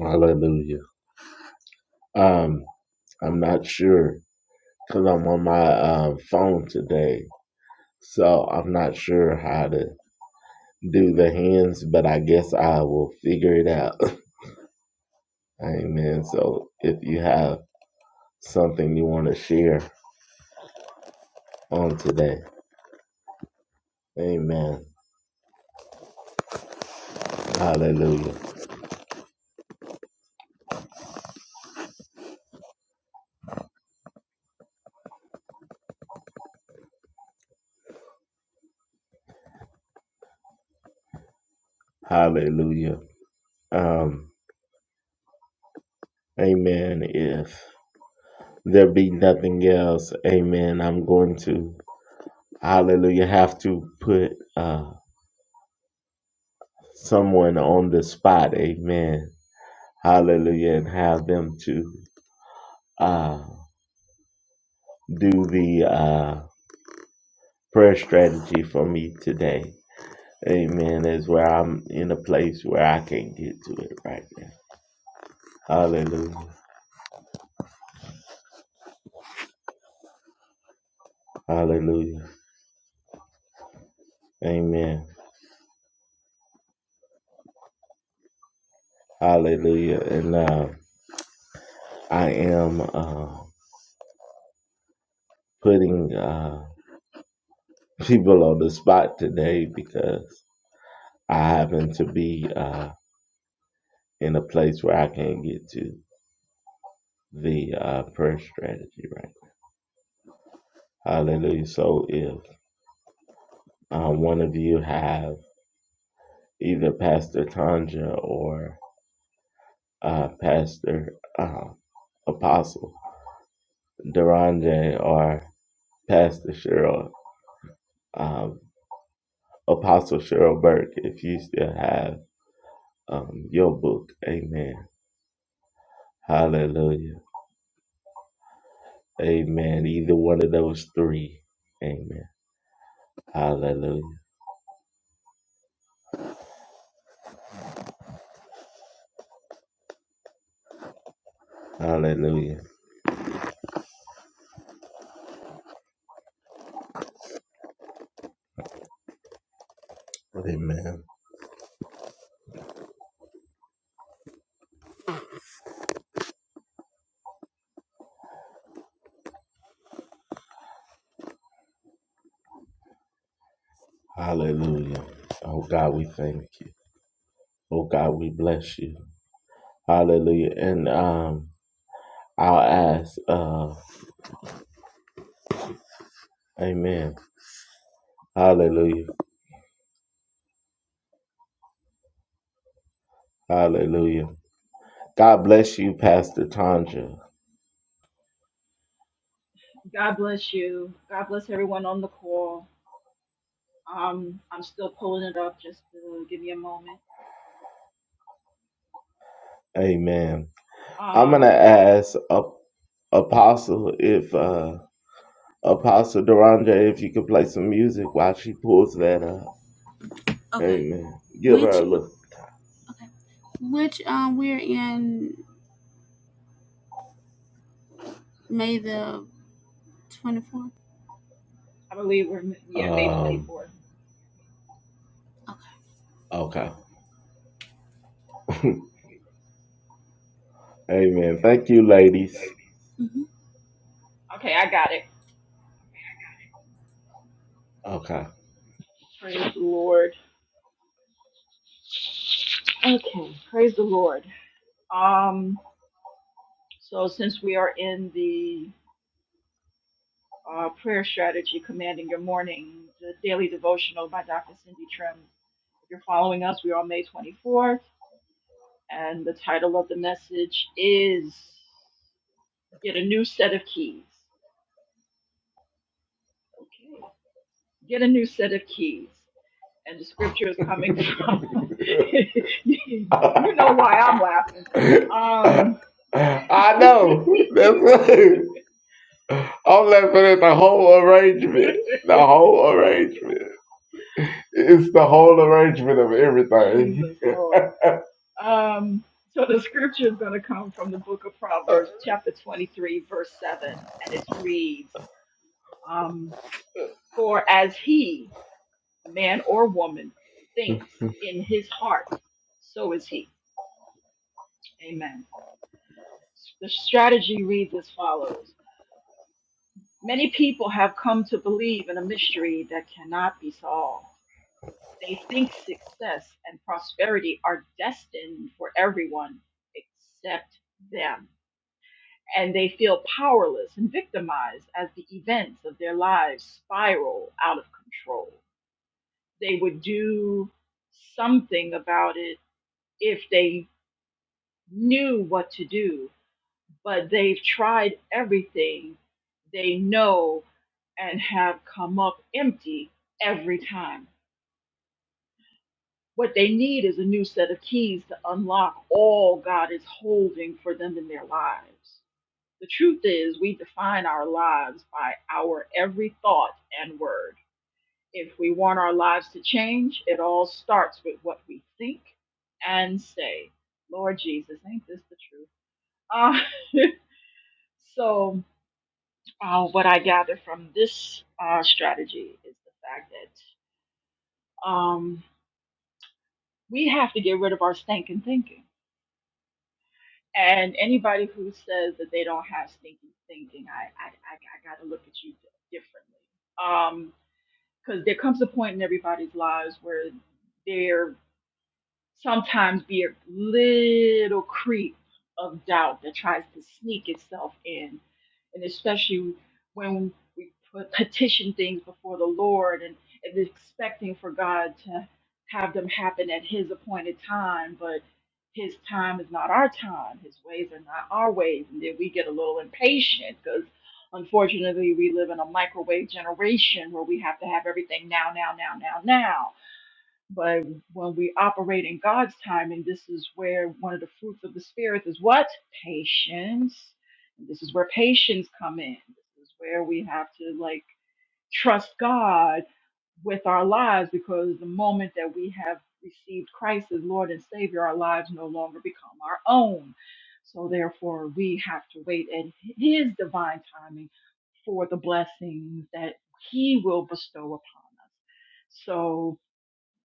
Hallelujah. Um, I'm not sure because I'm on my uh, phone today, so I'm not sure how to do the hands, but I guess I will figure it out. [LAUGHS] Amen. So if you have something you want to share on today, Amen. Hallelujah. Hallelujah. Um, amen. If there be nothing else, Amen. I'm going to. hallelujah, have to put uh, someone on the spot, amen, hallelujah, and have them to uh, do the uh, prayer strategy for me today, amen, is where I'm in a place where I can't get to it right now, hallelujah, hallelujah, amen, hallelujah, and uh, I am uh, putting uh, people on the spot today because I happen to be. Uh, in a place where I can't get to the uh, prayer strategy, right? Hallelujah. So if uh, one of you have either Pastor Tanja or uh, Pastor uh, Apostle Durande or Pastor Cheryl, um, Apostle Cheryl Burke, if you still have um, your book, amen. Hallelujah. Amen. Either one of those three, amen. Hallelujah. Hallelujah. Amen. Hallelujah. Oh God, we thank you. Oh God, we bless you. Hallelujah. And um I'll ask uh Amen. Hallelujah. Hallelujah. God bless you, Pastor Tanja. God bless you. God bless everyone on the call. Um, I'm still pulling it up. Just to give me a moment. Amen. I'm gonna Um, ask uh, Apostle if uh Apostle Duranja if you could play some music while she pulls that up. Okay. Amen. Give her Which a look. okay. Which um we're in May the twenty fourth. I believe we're yeah May Um 24th. Okay. okay. [LAUGHS] Amen. Thank you, ladies. hmm Okay, I got it. Okay. Praise the Lord. Okay, praise the Lord. Um, so since we are in the uh, prayer strategy, commanding your morning, the daily devotional by Dr. Cindy Trim. If you're following us, we are on May 24th, and the title of the message is "Get a New Set of Keys." Okay get a new set of keys. And the scripture is coming from. [LAUGHS] [LAUGHS] you know why I'm laughing. Um, I know. That's it. I'm laughing at the whole arrangement. The whole arrangement. It's the whole arrangement of [LAUGHS] everything. [LAUGHS] Jesus Lord. Um, so the scripture is going to come from the book of Proverbs, chapter 23, verse 7, and it reads, um, For as he, man or woman, thinks in his heart, so is he. Amen. The strategy reads as follows Many people have come to believe in a mystery that cannot be solved. They think success and prosperity are destined for everyone except them. And they feel powerless and victimized as the events of their lives spiral out of control. They would do something about it if they knew what to do, but they've tried everything they know and have come up empty every time. What they need is a new set of keys to unlock all God is holding for them in their lives. The truth is, we define our lives by our every thought and word. If we want our lives to change, it all starts with what we think and say. Lord Jesus, ain't this the truth? Ah, [LAUGHS] so Uh, what I gather from this uh, strategy is the fact that um, we have to get rid of our stinking thinking. And anybody who says that they don't have stinking thinking, I, I, I, I got to look at you differently. Because there comes a point in everybody's lives where their sometimes be a little creep of doubt that tries to sneak itself in. And especially when we put, petition things before the Lord and, and expecting for God to have them happen at His appointed time, but His time is not our time, His ways are not our ways. And then we get a little impatient because unfortunately we live in a microwave generation where we have to have everything now, now, now, now, now but when we operate in God's time, and this is where one of the fruits of the Spirit is what? Patience. And this is where patience come in. This is where we have to like trust God with our lives because the moment that we have received Christ as Lord and Savior, our lives no longer become our own. So therefore, we have to wait at His divine timing for the blessings that He will bestow upon us. So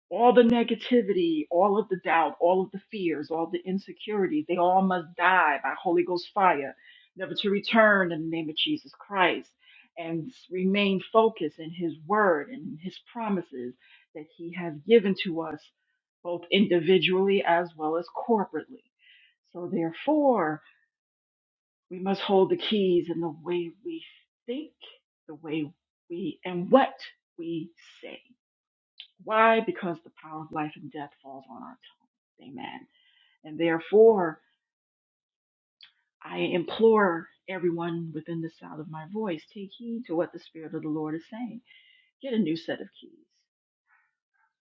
all the negativity, all of the doubt, all of the fears, all the insecurities, they all must die by Holy Ghost fire, never to return in the name of Jesus Christ, and remain focused in His word and in His promises that He has given to us, both individually as well as corporately. So, therefore, we must hold the keys in the way we think, the way we, and what we say. Why? Because the power of life and death falls on our tongue. Amen. And therefore, I implore everyone within the sound of my voice take heed to what the Spirit of the Lord is saying. Get a new set of keys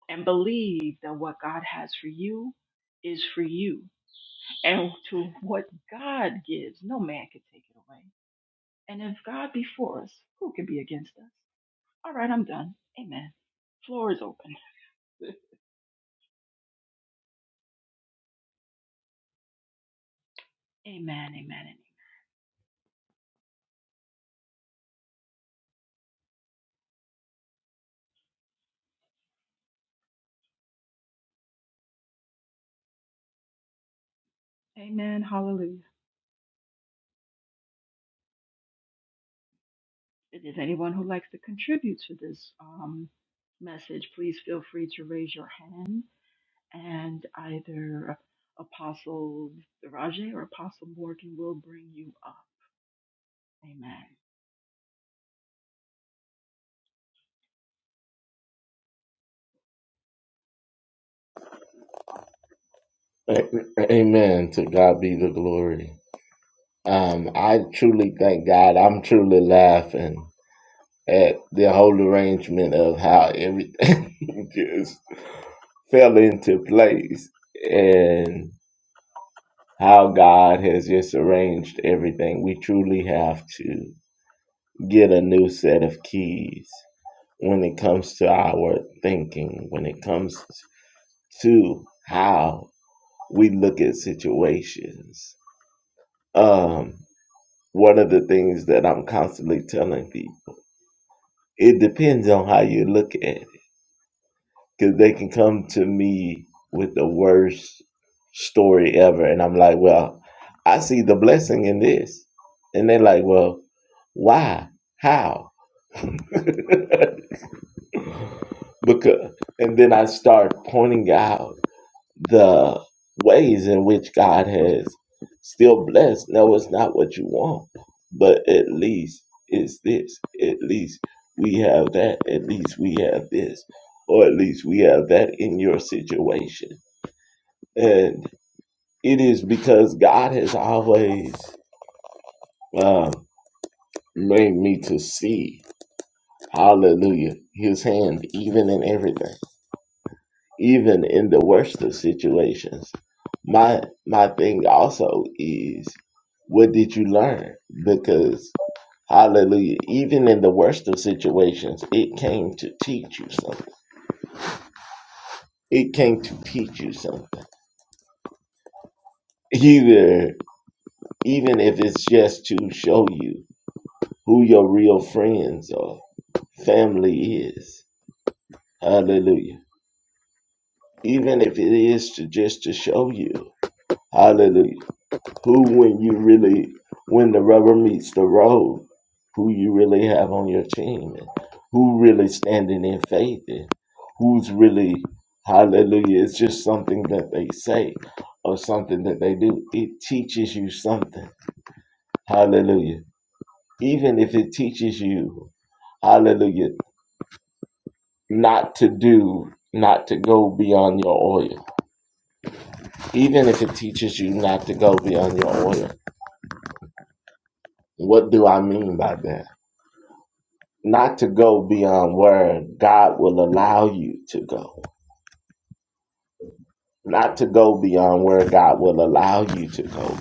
and believe that what God has for you is for you. And to what God gives, no man can take it away. And if God be for us, who can be against us? All right, I'm done. Amen. Floor is open. [LAUGHS] Amen, amen, amen. Amen. Hallelujah. If there's anyone who likes to contribute to this um, message, please feel free to raise your hand, and either Apostle Raja or Apostle Morgan will bring you up. Amen. A- Amen. To God be the glory. Um, I truly thank God. I'm truly laughing at the whole arrangement of how everything [LAUGHS] just fell into place. And how God has just arranged everything. We truly have to get a new set of keys when it comes to our thinking, when it comes to how we look at situations. Um, one of the things that I'm constantly telling people, it depends on how you look at it. because they can come to me with the worst story ever, and I'm like, well, I see the blessing in this, and they're like, well, why, how, [LAUGHS] because, and then I start pointing out the ways in which God has still blessed. No, it's not what you want, but at least it's this. At least we have that. At least we have this. Or at least we have that in your situation. And it is because God has always um, made me to see, hallelujah, his hand even in everything. even in the worst of situations. My my thing also is what did you learn? Because hallelujah, even in the worst of situations, it came to teach you something. It came to teach you something. Either even if it's just to show you who your real friends or family is. Hallelujah. Even if it is to just to show you. Hallelujah who when you really when the rubber meets the road, who you really have on your team and who really standing in faith and who's really hallelujah. It's just something that they say or something that they do. It teaches you something. Hallelujah. Even if it teaches you, hallelujah, not to do not to go beyond your oil. Even if it teaches you not to go beyond your oil. What do I mean by that? not to go beyond where God will allow you to go, not to go beyond where God will allow you to go,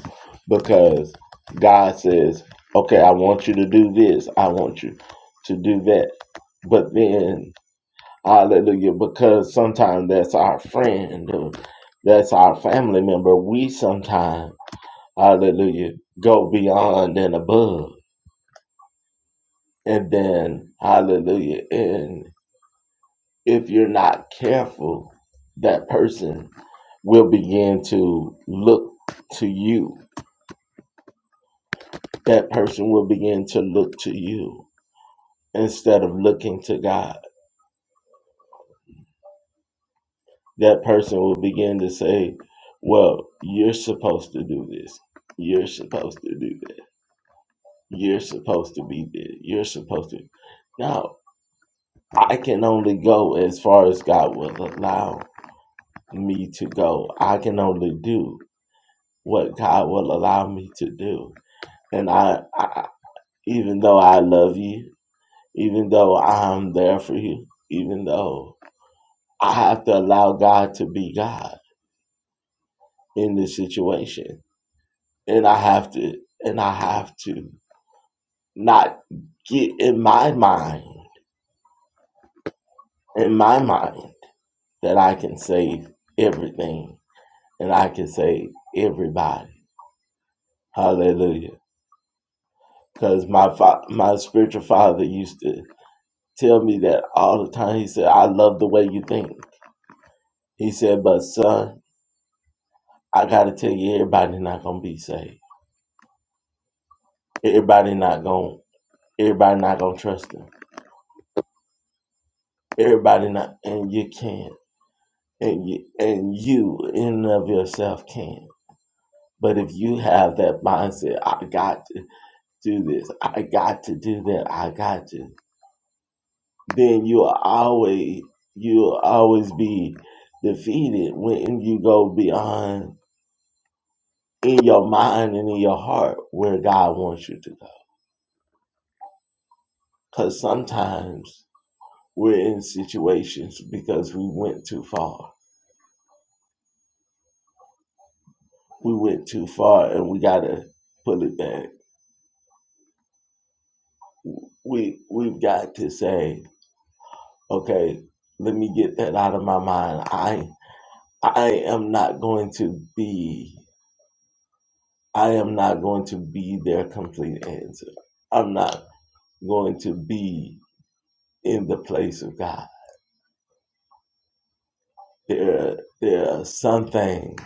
because God says, okay, I want you to do this, I want you to do that. But then, hallelujah, because sometimes that's our friend, or that's our family member, we sometimes, hallelujah, go beyond and above. And then, hallelujah, and. if you're not careful, that person will begin to look to you. That person will begin to look to you instead of looking to God. That person will begin to say, Well, you're supposed to do this. You're supposed to do that. You're supposed to be there. You're supposed to. No, I can only go as far as God will allow me to go. I can only do what God will allow me to do And I, I, even though I love you, even though I'm there for you, even though I have to allow God to be God in this situation, and I have to, and I have to not get in my mind, in my mind, that I can save everything and I can save everybody. Hallelujah. Because my fa- my spiritual father used to tell me that all the time. He said, "I love the way you think." He said, but son, I gotta tell you, everybody not gonna be saved. Everybody not gonna everybody not gonna trust him. Everybody not and you can. And you and you in and of yourself can. But if you have that mindset, I got to do this, I got to do that, I got to, then you'll always you'll always be defeated when you go beyond in your mind and in your heart where God wants you to go. Cause sometimes we're in situations because we went too far. We went too far and we gotta put it back. We we've got to say, okay, let me get that out of my mind. I I am not going to be I am not going to be their complete answer. I'm not going to be in the place of God. There there are some things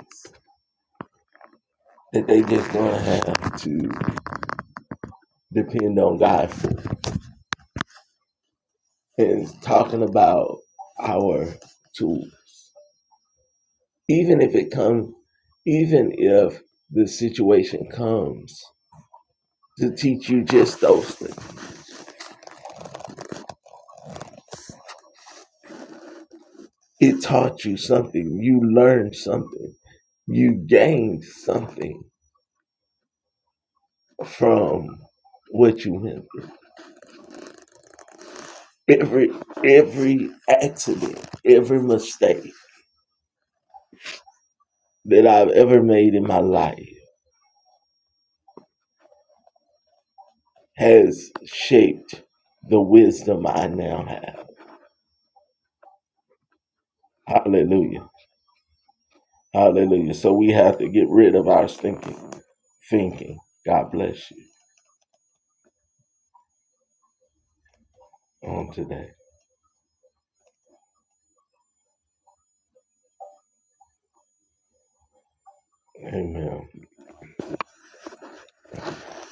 that they just gonna have to depend on God for And talking about our to even if it comes even if the situation comes to teach you just those things it taught you something you learned something you gained something from what you went through every every accident every mistake that i've ever made in my life has shaped the wisdom i now have hallelujah Hallelujah. So we have to get rid of our stinking thinking. God bless you on today. Amen.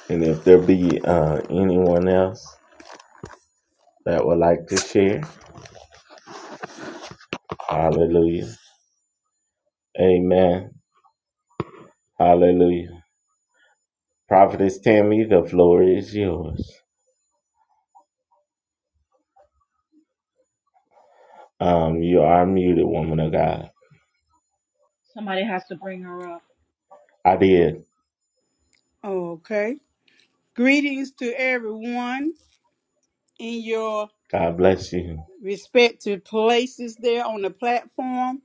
And if there be uh, anyone else that would like to share, hallelujah. Amen. Hallelujah. Prophetess Tammy, the floor is yours. Um, you are muted, woman of God. Somebody has to bring her up. I did. Okay. Greetings to everyone in your God bless you. respective places there on the platform.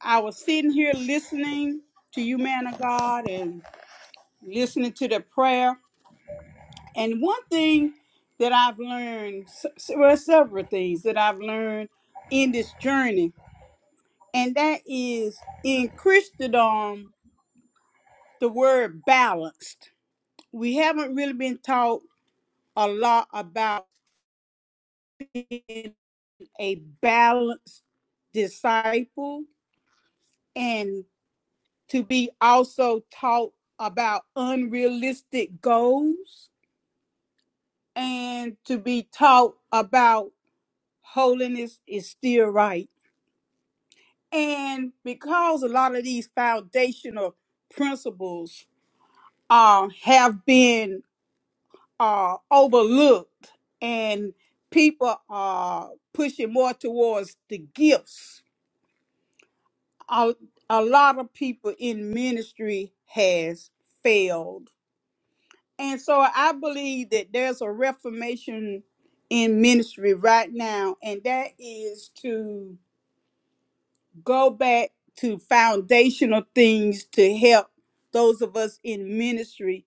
I was sitting here listening to you, man of God, and listening to the prayer. And one thing that I've learned, s- s- well, several things that I've learned in this journey, and that is in Christendom, the word balanced. We haven't really been taught a lot about a balanced disciple and to be also taught about unrealistic goals and to be taught about holiness is still right. And because a lot of these foundational principles uh, have been uh, overlooked and people are pushing more towards the gifts a, a lot of people in ministry has failed and so i believe that there's a reformation in ministry right now and that is to go back to foundational things to help those of us in ministry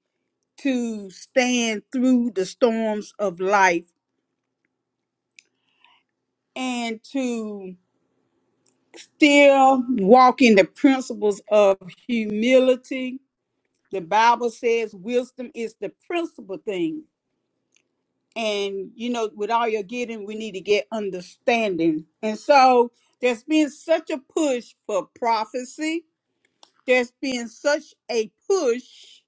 to stand through the storms of life and to still walk in the principles of humility The Bible says wisdom is the principal thing. And, you know, with all you're getting, we need to get understanding. And so there's been such a push for prophecy, there's been such a push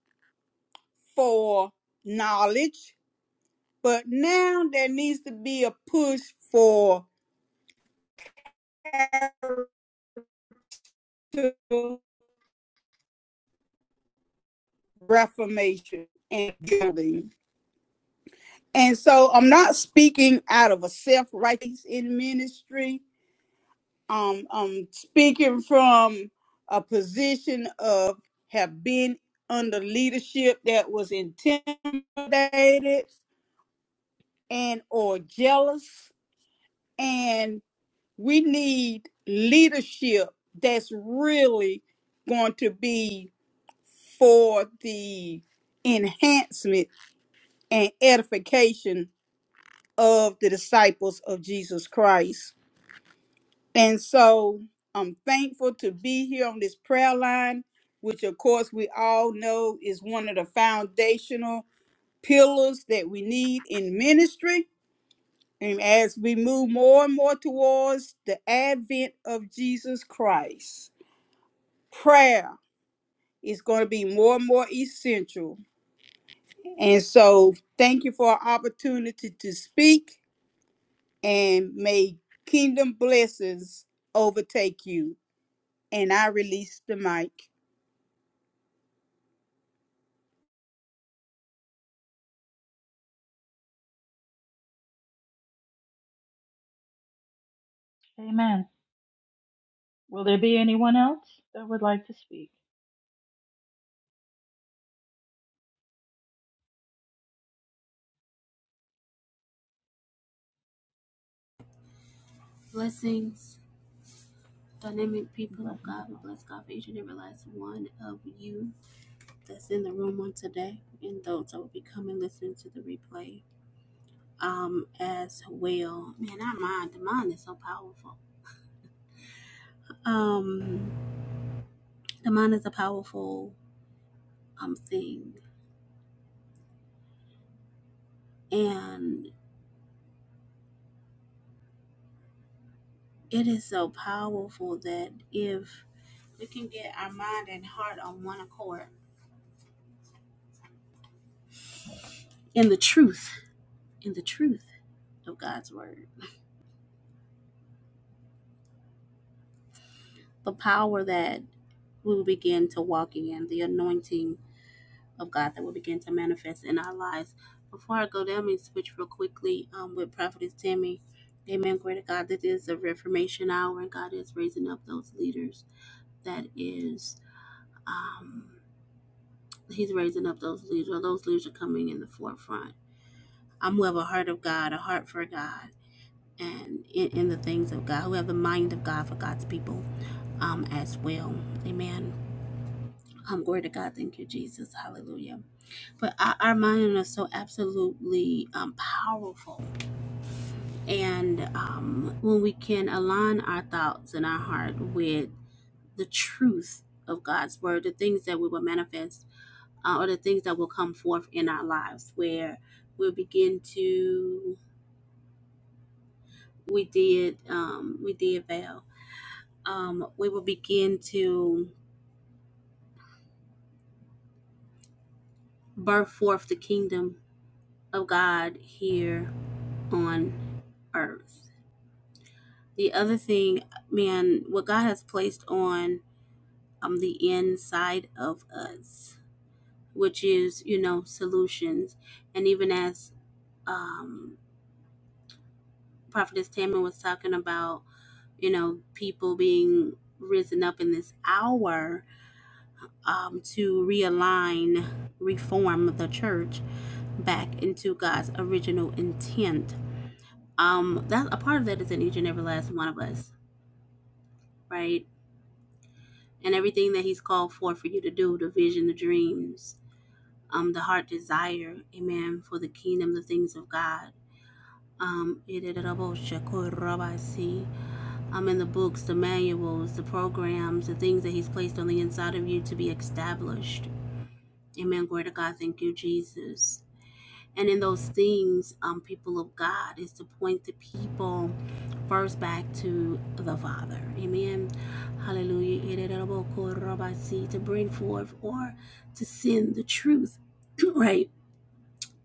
for knowledge, but now there needs to be a push for reformation and building. And so I'm not speaking out of a self righteous in ministry. um am speaking from a position of have been under leadership that was intimidated and or jealous and we need leadership that's really going to be for the enhancement and edification of the disciples of Jesus Christ And so I'm thankful to be here on this prayer line, which of course we all know is one of the foundational pillars that we need in ministry. And as we move more and more towards the advent of Jesus Christ, prayer is going to be more and more essential. And so thank you for an opportunity to speak and may kingdom blessings overtake you. And I release the mic. Amen. Will there be anyone else that would like to speak? Blessings, dynamic people of Blessings, God, we Apostle. bless God for each and every last one of you that's in the room on today, and those that will be coming listening to the replay um as well. Man, our mind, the mind is so powerful. Um, the mind is a powerful um, thing. And it is so powerful that if we can get our mind and heart on one accord in the truth, in the truth of God's word, the power that we will begin to walk in, the anointing of God that will begin to manifest in our lives. Before I go there, let me switch real quickly um, with Prophetess Tammy. Amen. Glory to God. This is a Reformation hour, and God is raising up those leaders that is. Um, He's raising up those leaders. Or those leaders are coming in the forefront. I'm who have a heart of God, a heart for God, and in, in the things of God, who have the mind of God for God's people um, as well. Amen. Um, glory to God. Thank you, Jesus. Hallelujah. But our, our mind is so absolutely um, powerful. And um, when we can align our thoughts and our heart with the truth of God's word, the things that we will manifest uh, or the things that will come forth in our lives where we'll begin to we did um, we did veil um, we will begin to birth forth the kingdom of god here on earth the other thing man what god has placed on um, the inside of us which is you know solutions and even as um, Prophetess Tammy was talking about, you know, people being risen up in this hour um, to realign, reform the church back into God's original intent. Um, that a part of that is in each and every last one of us, right? And everything that He's called for for you to do, the vision, the dreams, um, the heart desire, Amen, for the kingdom, the things of God. Um, um, in the books, the manuals, the programs, the things that He's placed on the inside of you to be established. Amen. Glory to God. Thank you, Jesus. And in those things, um, people of God, is to point the people first back to the Father. Amen. Hallelujah. To bring forth or to send the truth, [CLEARS THROAT] right?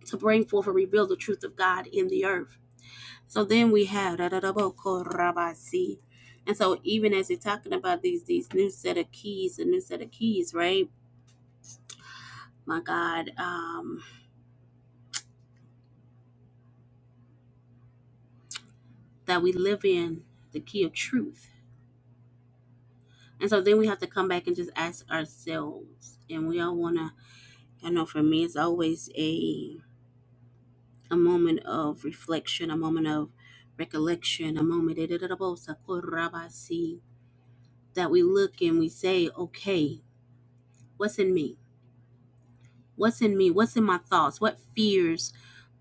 To bring forth and reveal the truth of God in the earth. So then we have Rabasi. And so even as we're talking about these these new set of keys, a new set of keys, right? My God, um, that we live in, the key of truth. And so then we have to come back and just ask ourselves. And we all wanna I know for me it's always a a moment of reflection, a moment of recollection, a moment that we look and we say, Okay, what's in me? What's in me? What's in my thoughts? What fears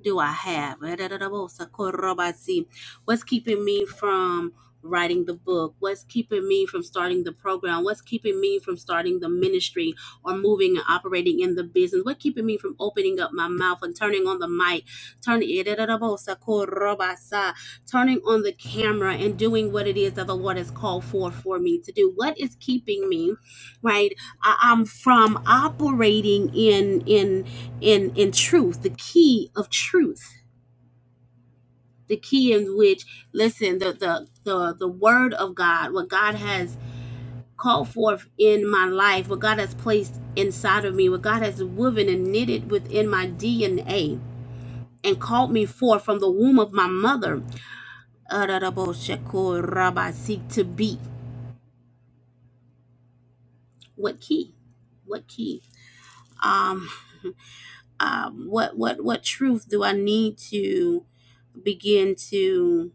do I have? What's keeping me from writing the book? What's keeping me from starting the program? What's keeping me from starting the ministry or moving and operating in the business? What's keeping me from opening up my mouth and turning on the mic? Turning turning on the camera and doing what it is that the Lord has called for for me to do. What is keeping me, right? I- am from operating in in in in truth, the key of truth, the key in which listen the the the the word of God, what God has called forth in my life, what God has placed inside of me, what God has woven and knitted within my DNA. And called me forth from the womb of my mother. Seek to be what key? What key? Um, um, what what what truth do I need to begin to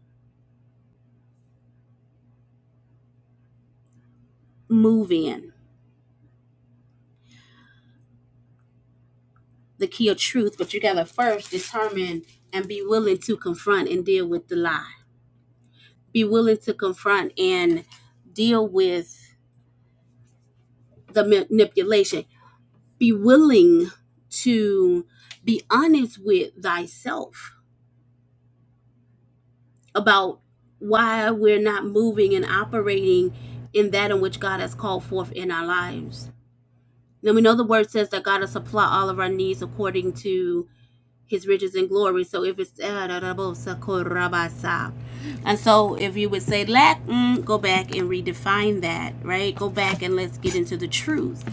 move in the key of truth, but you gotta first determine and be willing to confront and deal with the lie. Be willing to confront and deal with the manipulation. Be willing to be honest with thyself about why we're not moving and operating in that in which God has called forth in our lives. Now we know the word says that God will supply all of our needs according to his riches and glory. So if it's and so if you would say lack, mm, go back and redefine that, right? Go back and let's get into the truth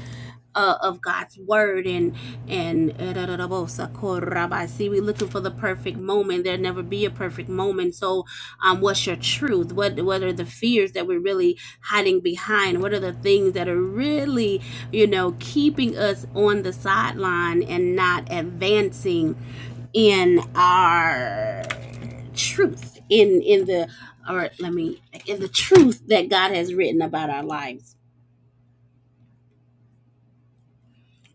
uh, of God's word and and see we're looking for the perfect moment. There'll never be a perfect moment. So um, what's your truth? What what are the fears that we're really hiding behind? What are the things that are really you know keeping us on the sideline and not advancing? in our truth in in the or let me in the truth that God has written about our lives.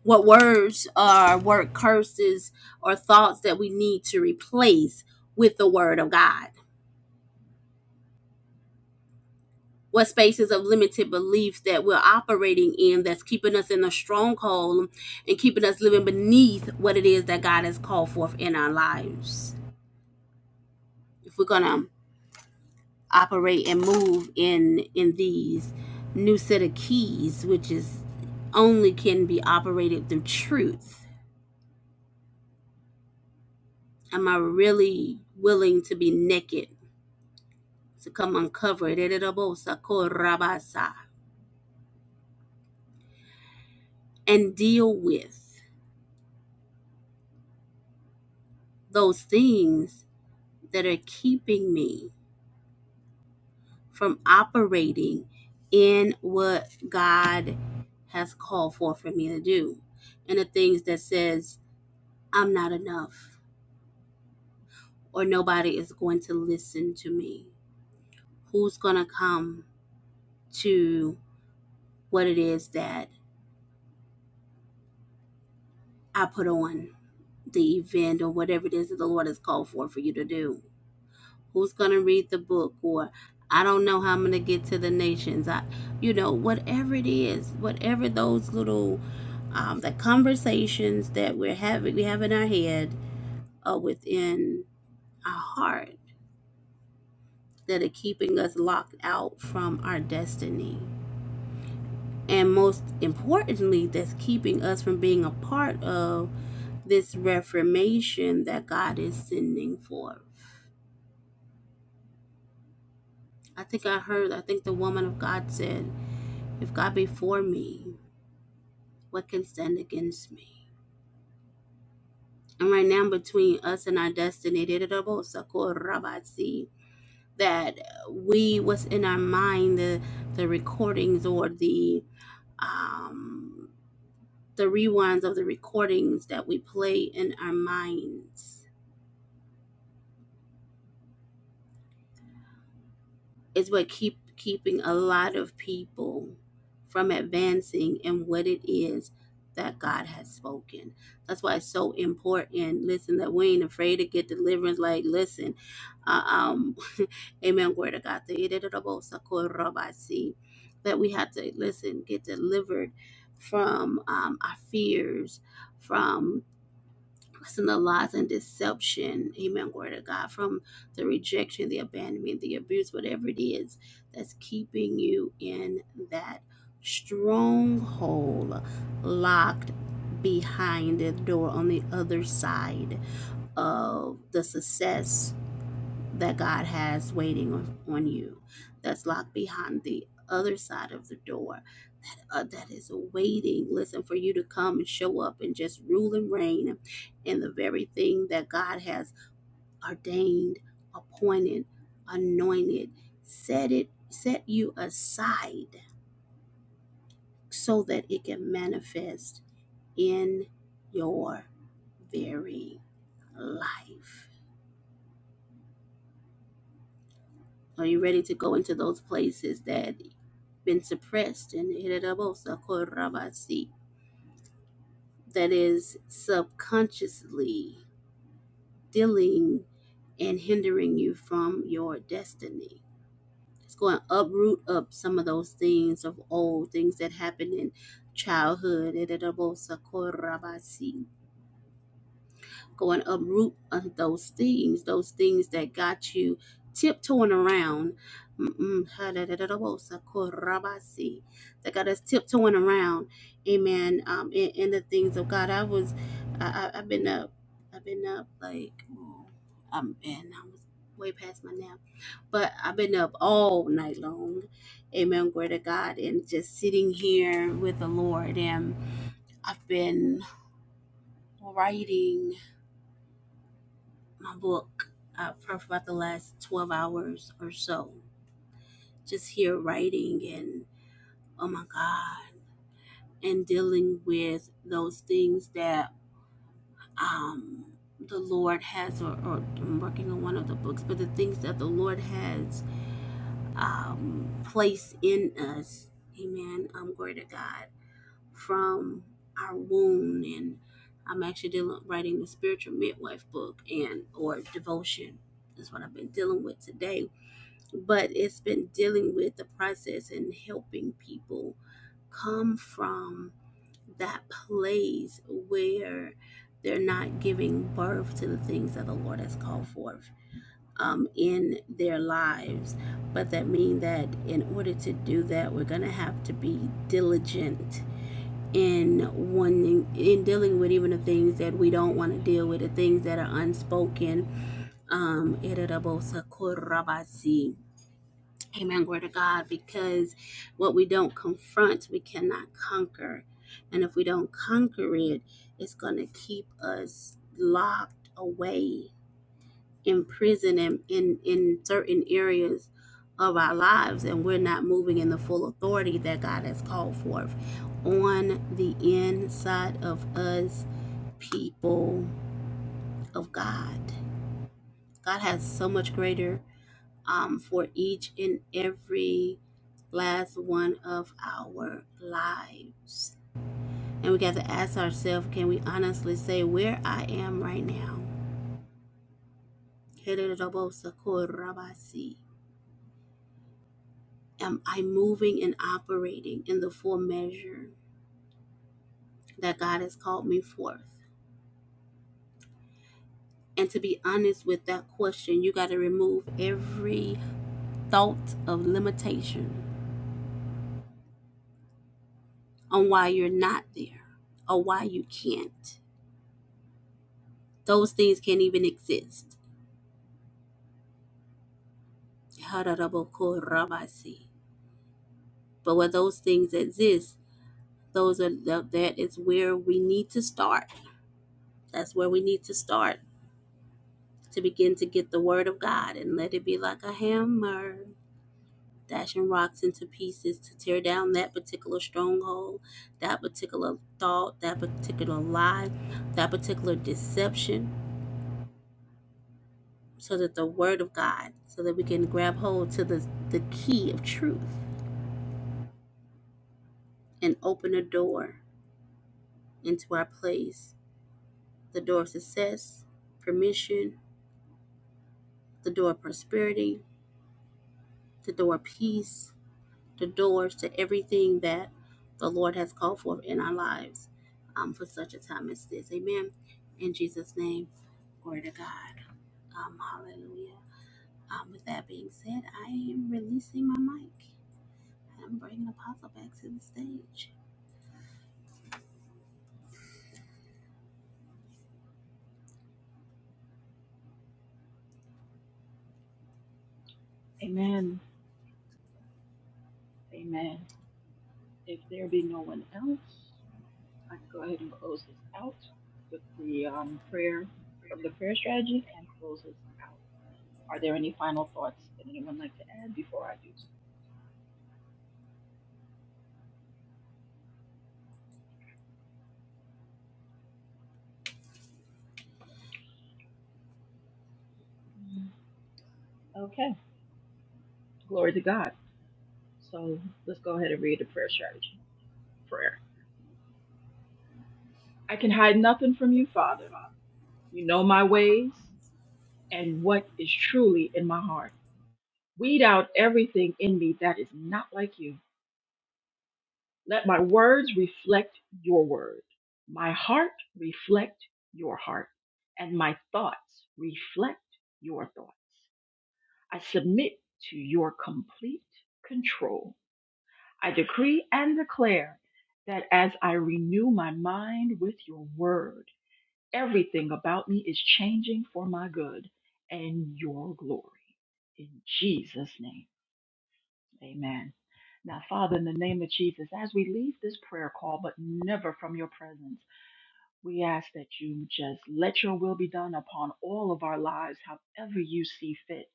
What words or word curses or thoughts that we need to replace with the word of God? What spaces of limited beliefs that we're operating in that's keeping us in a stronghold and keeping us living beneath what it is that God has called forth in our lives? If we're gonna operate and move in in these new set of keys which is only can be operated through truth am i really willing to be naked to come uncover it Ererabosa korabasa, and deal with those things that are keeping me from operating in what god has called for for me to do and the things that says i'm not enough or nobody is going to listen to me? Who's going to come to what it is that I put on the event or whatever it is that the Lord has called for for you to do? Who's going to read the book or I don't know how I'm going to get to the nations. I you know, whatever it is, whatever those little um, the conversations that we're having, we have in our head, or within our heart, that are keeping us locked out from our destiny. And most importantly, that's keeping us from being a part of this reformation that God is sending forth. I think I heard, I think the woman of God said, If God be for me, what can stand against me? And right now, between us and our destiny, that we, what's in our mind, the, the recordings or the um, the rewinds of the recordings that we play in our minds is what keep keeping a lot of people from advancing in what it is that God has spoken. That's why it's so important. Listen, that we ain't afraid to get deliverance. Like, listen, uh, um, [LAUGHS] Amen. Word of God, that we have to listen, get delivered from um, our fears, from. Blessing the lies and deception, amen, glory to God, from the rejection, the abandonment, the abuse, whatever it is that's keeping you in that stronghold locked behind the door on the other side of the success that God has waiting on, on you that's locked behind the other side of the door that uh, that is waiting listen for you to come and show up and just rule and reign in the very thing that God has ordained appointed anointed set it set you aside so that it can manifest in your very life Are you ready to go into those places that been suppressed and irritable, sakorabasi, that is subconsciously dealing and hindering you from your destiny? It's going to uproot up some of those things of old things that happened in childhood. irritable, sakorabasi. Going uproot uh, those things, those things that got you tiptoeing around. mm mm That got us tiptoeing around, amen. Um, in, in the things of God, I was, I, I, I've been up, I've been up like, oh, um, and I was way past my nap, but I've been up all night long, amen. Glory to God, and just sitting here with the Lord, and I've been writing my book uh, for about the last 12 hours or so. Just here writing and oh my God, and dealing with those things that um, the Lord has, or, or I'm working on one of the books, but the things that the Lord has um, placed in us. Amen. Um, glory to God from our wound and I'm actually dealing, writing the spiritual midwife book and or devotion is what I've been dealing with today but it's been dealing with the process and helping people come from that place where they're not giving birth to the things that the Lord has called forth um, in their lives. But that means that in order to do that, we're going to have to be diligent in wanting, in dealing with even the things that we don't want to deal with, the things that are unspoken. Um, Amen. Glory to God. Because what we don't confront, we cannot conquer. And if we don't conquer it, it's going to keep us locked away, imprisoned in, in, in certain areas of our lives. And we're not moving in the full authority that God has called forth on the inside of us, people of God. God has so much greater um, for each and every last one of our lives. And we got to ask ourselves can we honestly say where I am right now? Am I moving and operating in the full measure that God has called me forth? And to be honest with that question, you got to remove every thought of limitation on why you're not there or why you can't. Those things can't even exist Hararaboko Rabasi. But where those things exist, those are that is where we need to start. That's where we need to start to begin to get the word of God and let it be like a hammer dashing rocks into pieces to tear down that particular stronghold, that particular thought, that particular lie, that particular deception, so that the word of God, so that we can grab hold to the the key of truth and open a door into our place the door of success, permission, the door of prosperity, the door of peace, the doors to everything that the Lord has called for in our lives um, for such a time as this. Amen. In Jesus' name, glory to God. Um, hallelujah. Um, with that being said, I am releasing my mic. I'm bringing Apostle back to the stage. Amen. Amen. If there be no one else, I can go ahead and close this out with the um, prayer from the prayer strategy and close this out. Are there any final thoughts that anyone like to add before I do so? Okay. Glory to God. So let's go ahead and read the prayer strategy. Prayer. I can hide nothing from you, Father. You know my ways and what is truly in my heart. Weed out everything in me that is not like you. Let my words reflect your word, my heart reflect your heart, and my thoughts reflect your thoughts. I submit to your complete control I decree and declare that as I renew my mind with your word, everything about me is changing for my good and your glory. In Jesus' name, amen. Now, Father, in the name of Jesus, as we leave this prayer call, but never from your presence, we ask that you just let your will be done upon all of our lives, however you see fit.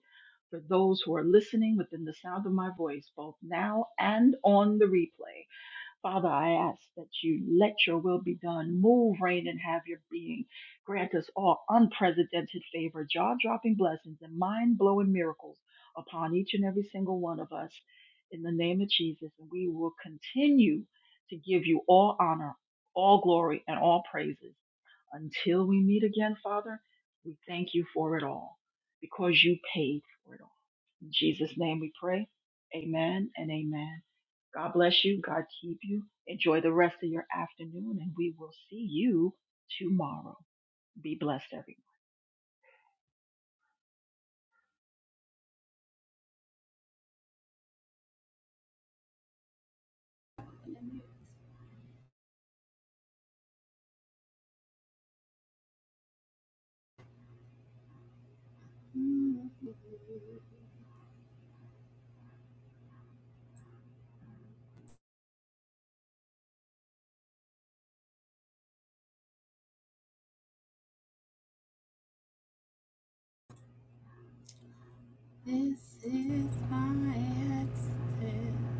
For those who are listening within the sound of my voice, both now and on the replay, Father, I ask that you let your will be done. Move, reign, and have your being. Grant us all unprecedented favor, jaw dropping blessings, and mind blowing miracles upon each and every single one of us. In the name of Jesus, and we will continue to give you all honor, all glory, and all praises until we meet again, Father. We thank you for it all because you paid for it all. In Jesus' name we pray. Amen and amen. God bless you. God keep you. Enjoy the rest of your afternoon, and we will see you tomorrow. Be blessed, everyone. Mm-hmm. This is my exit.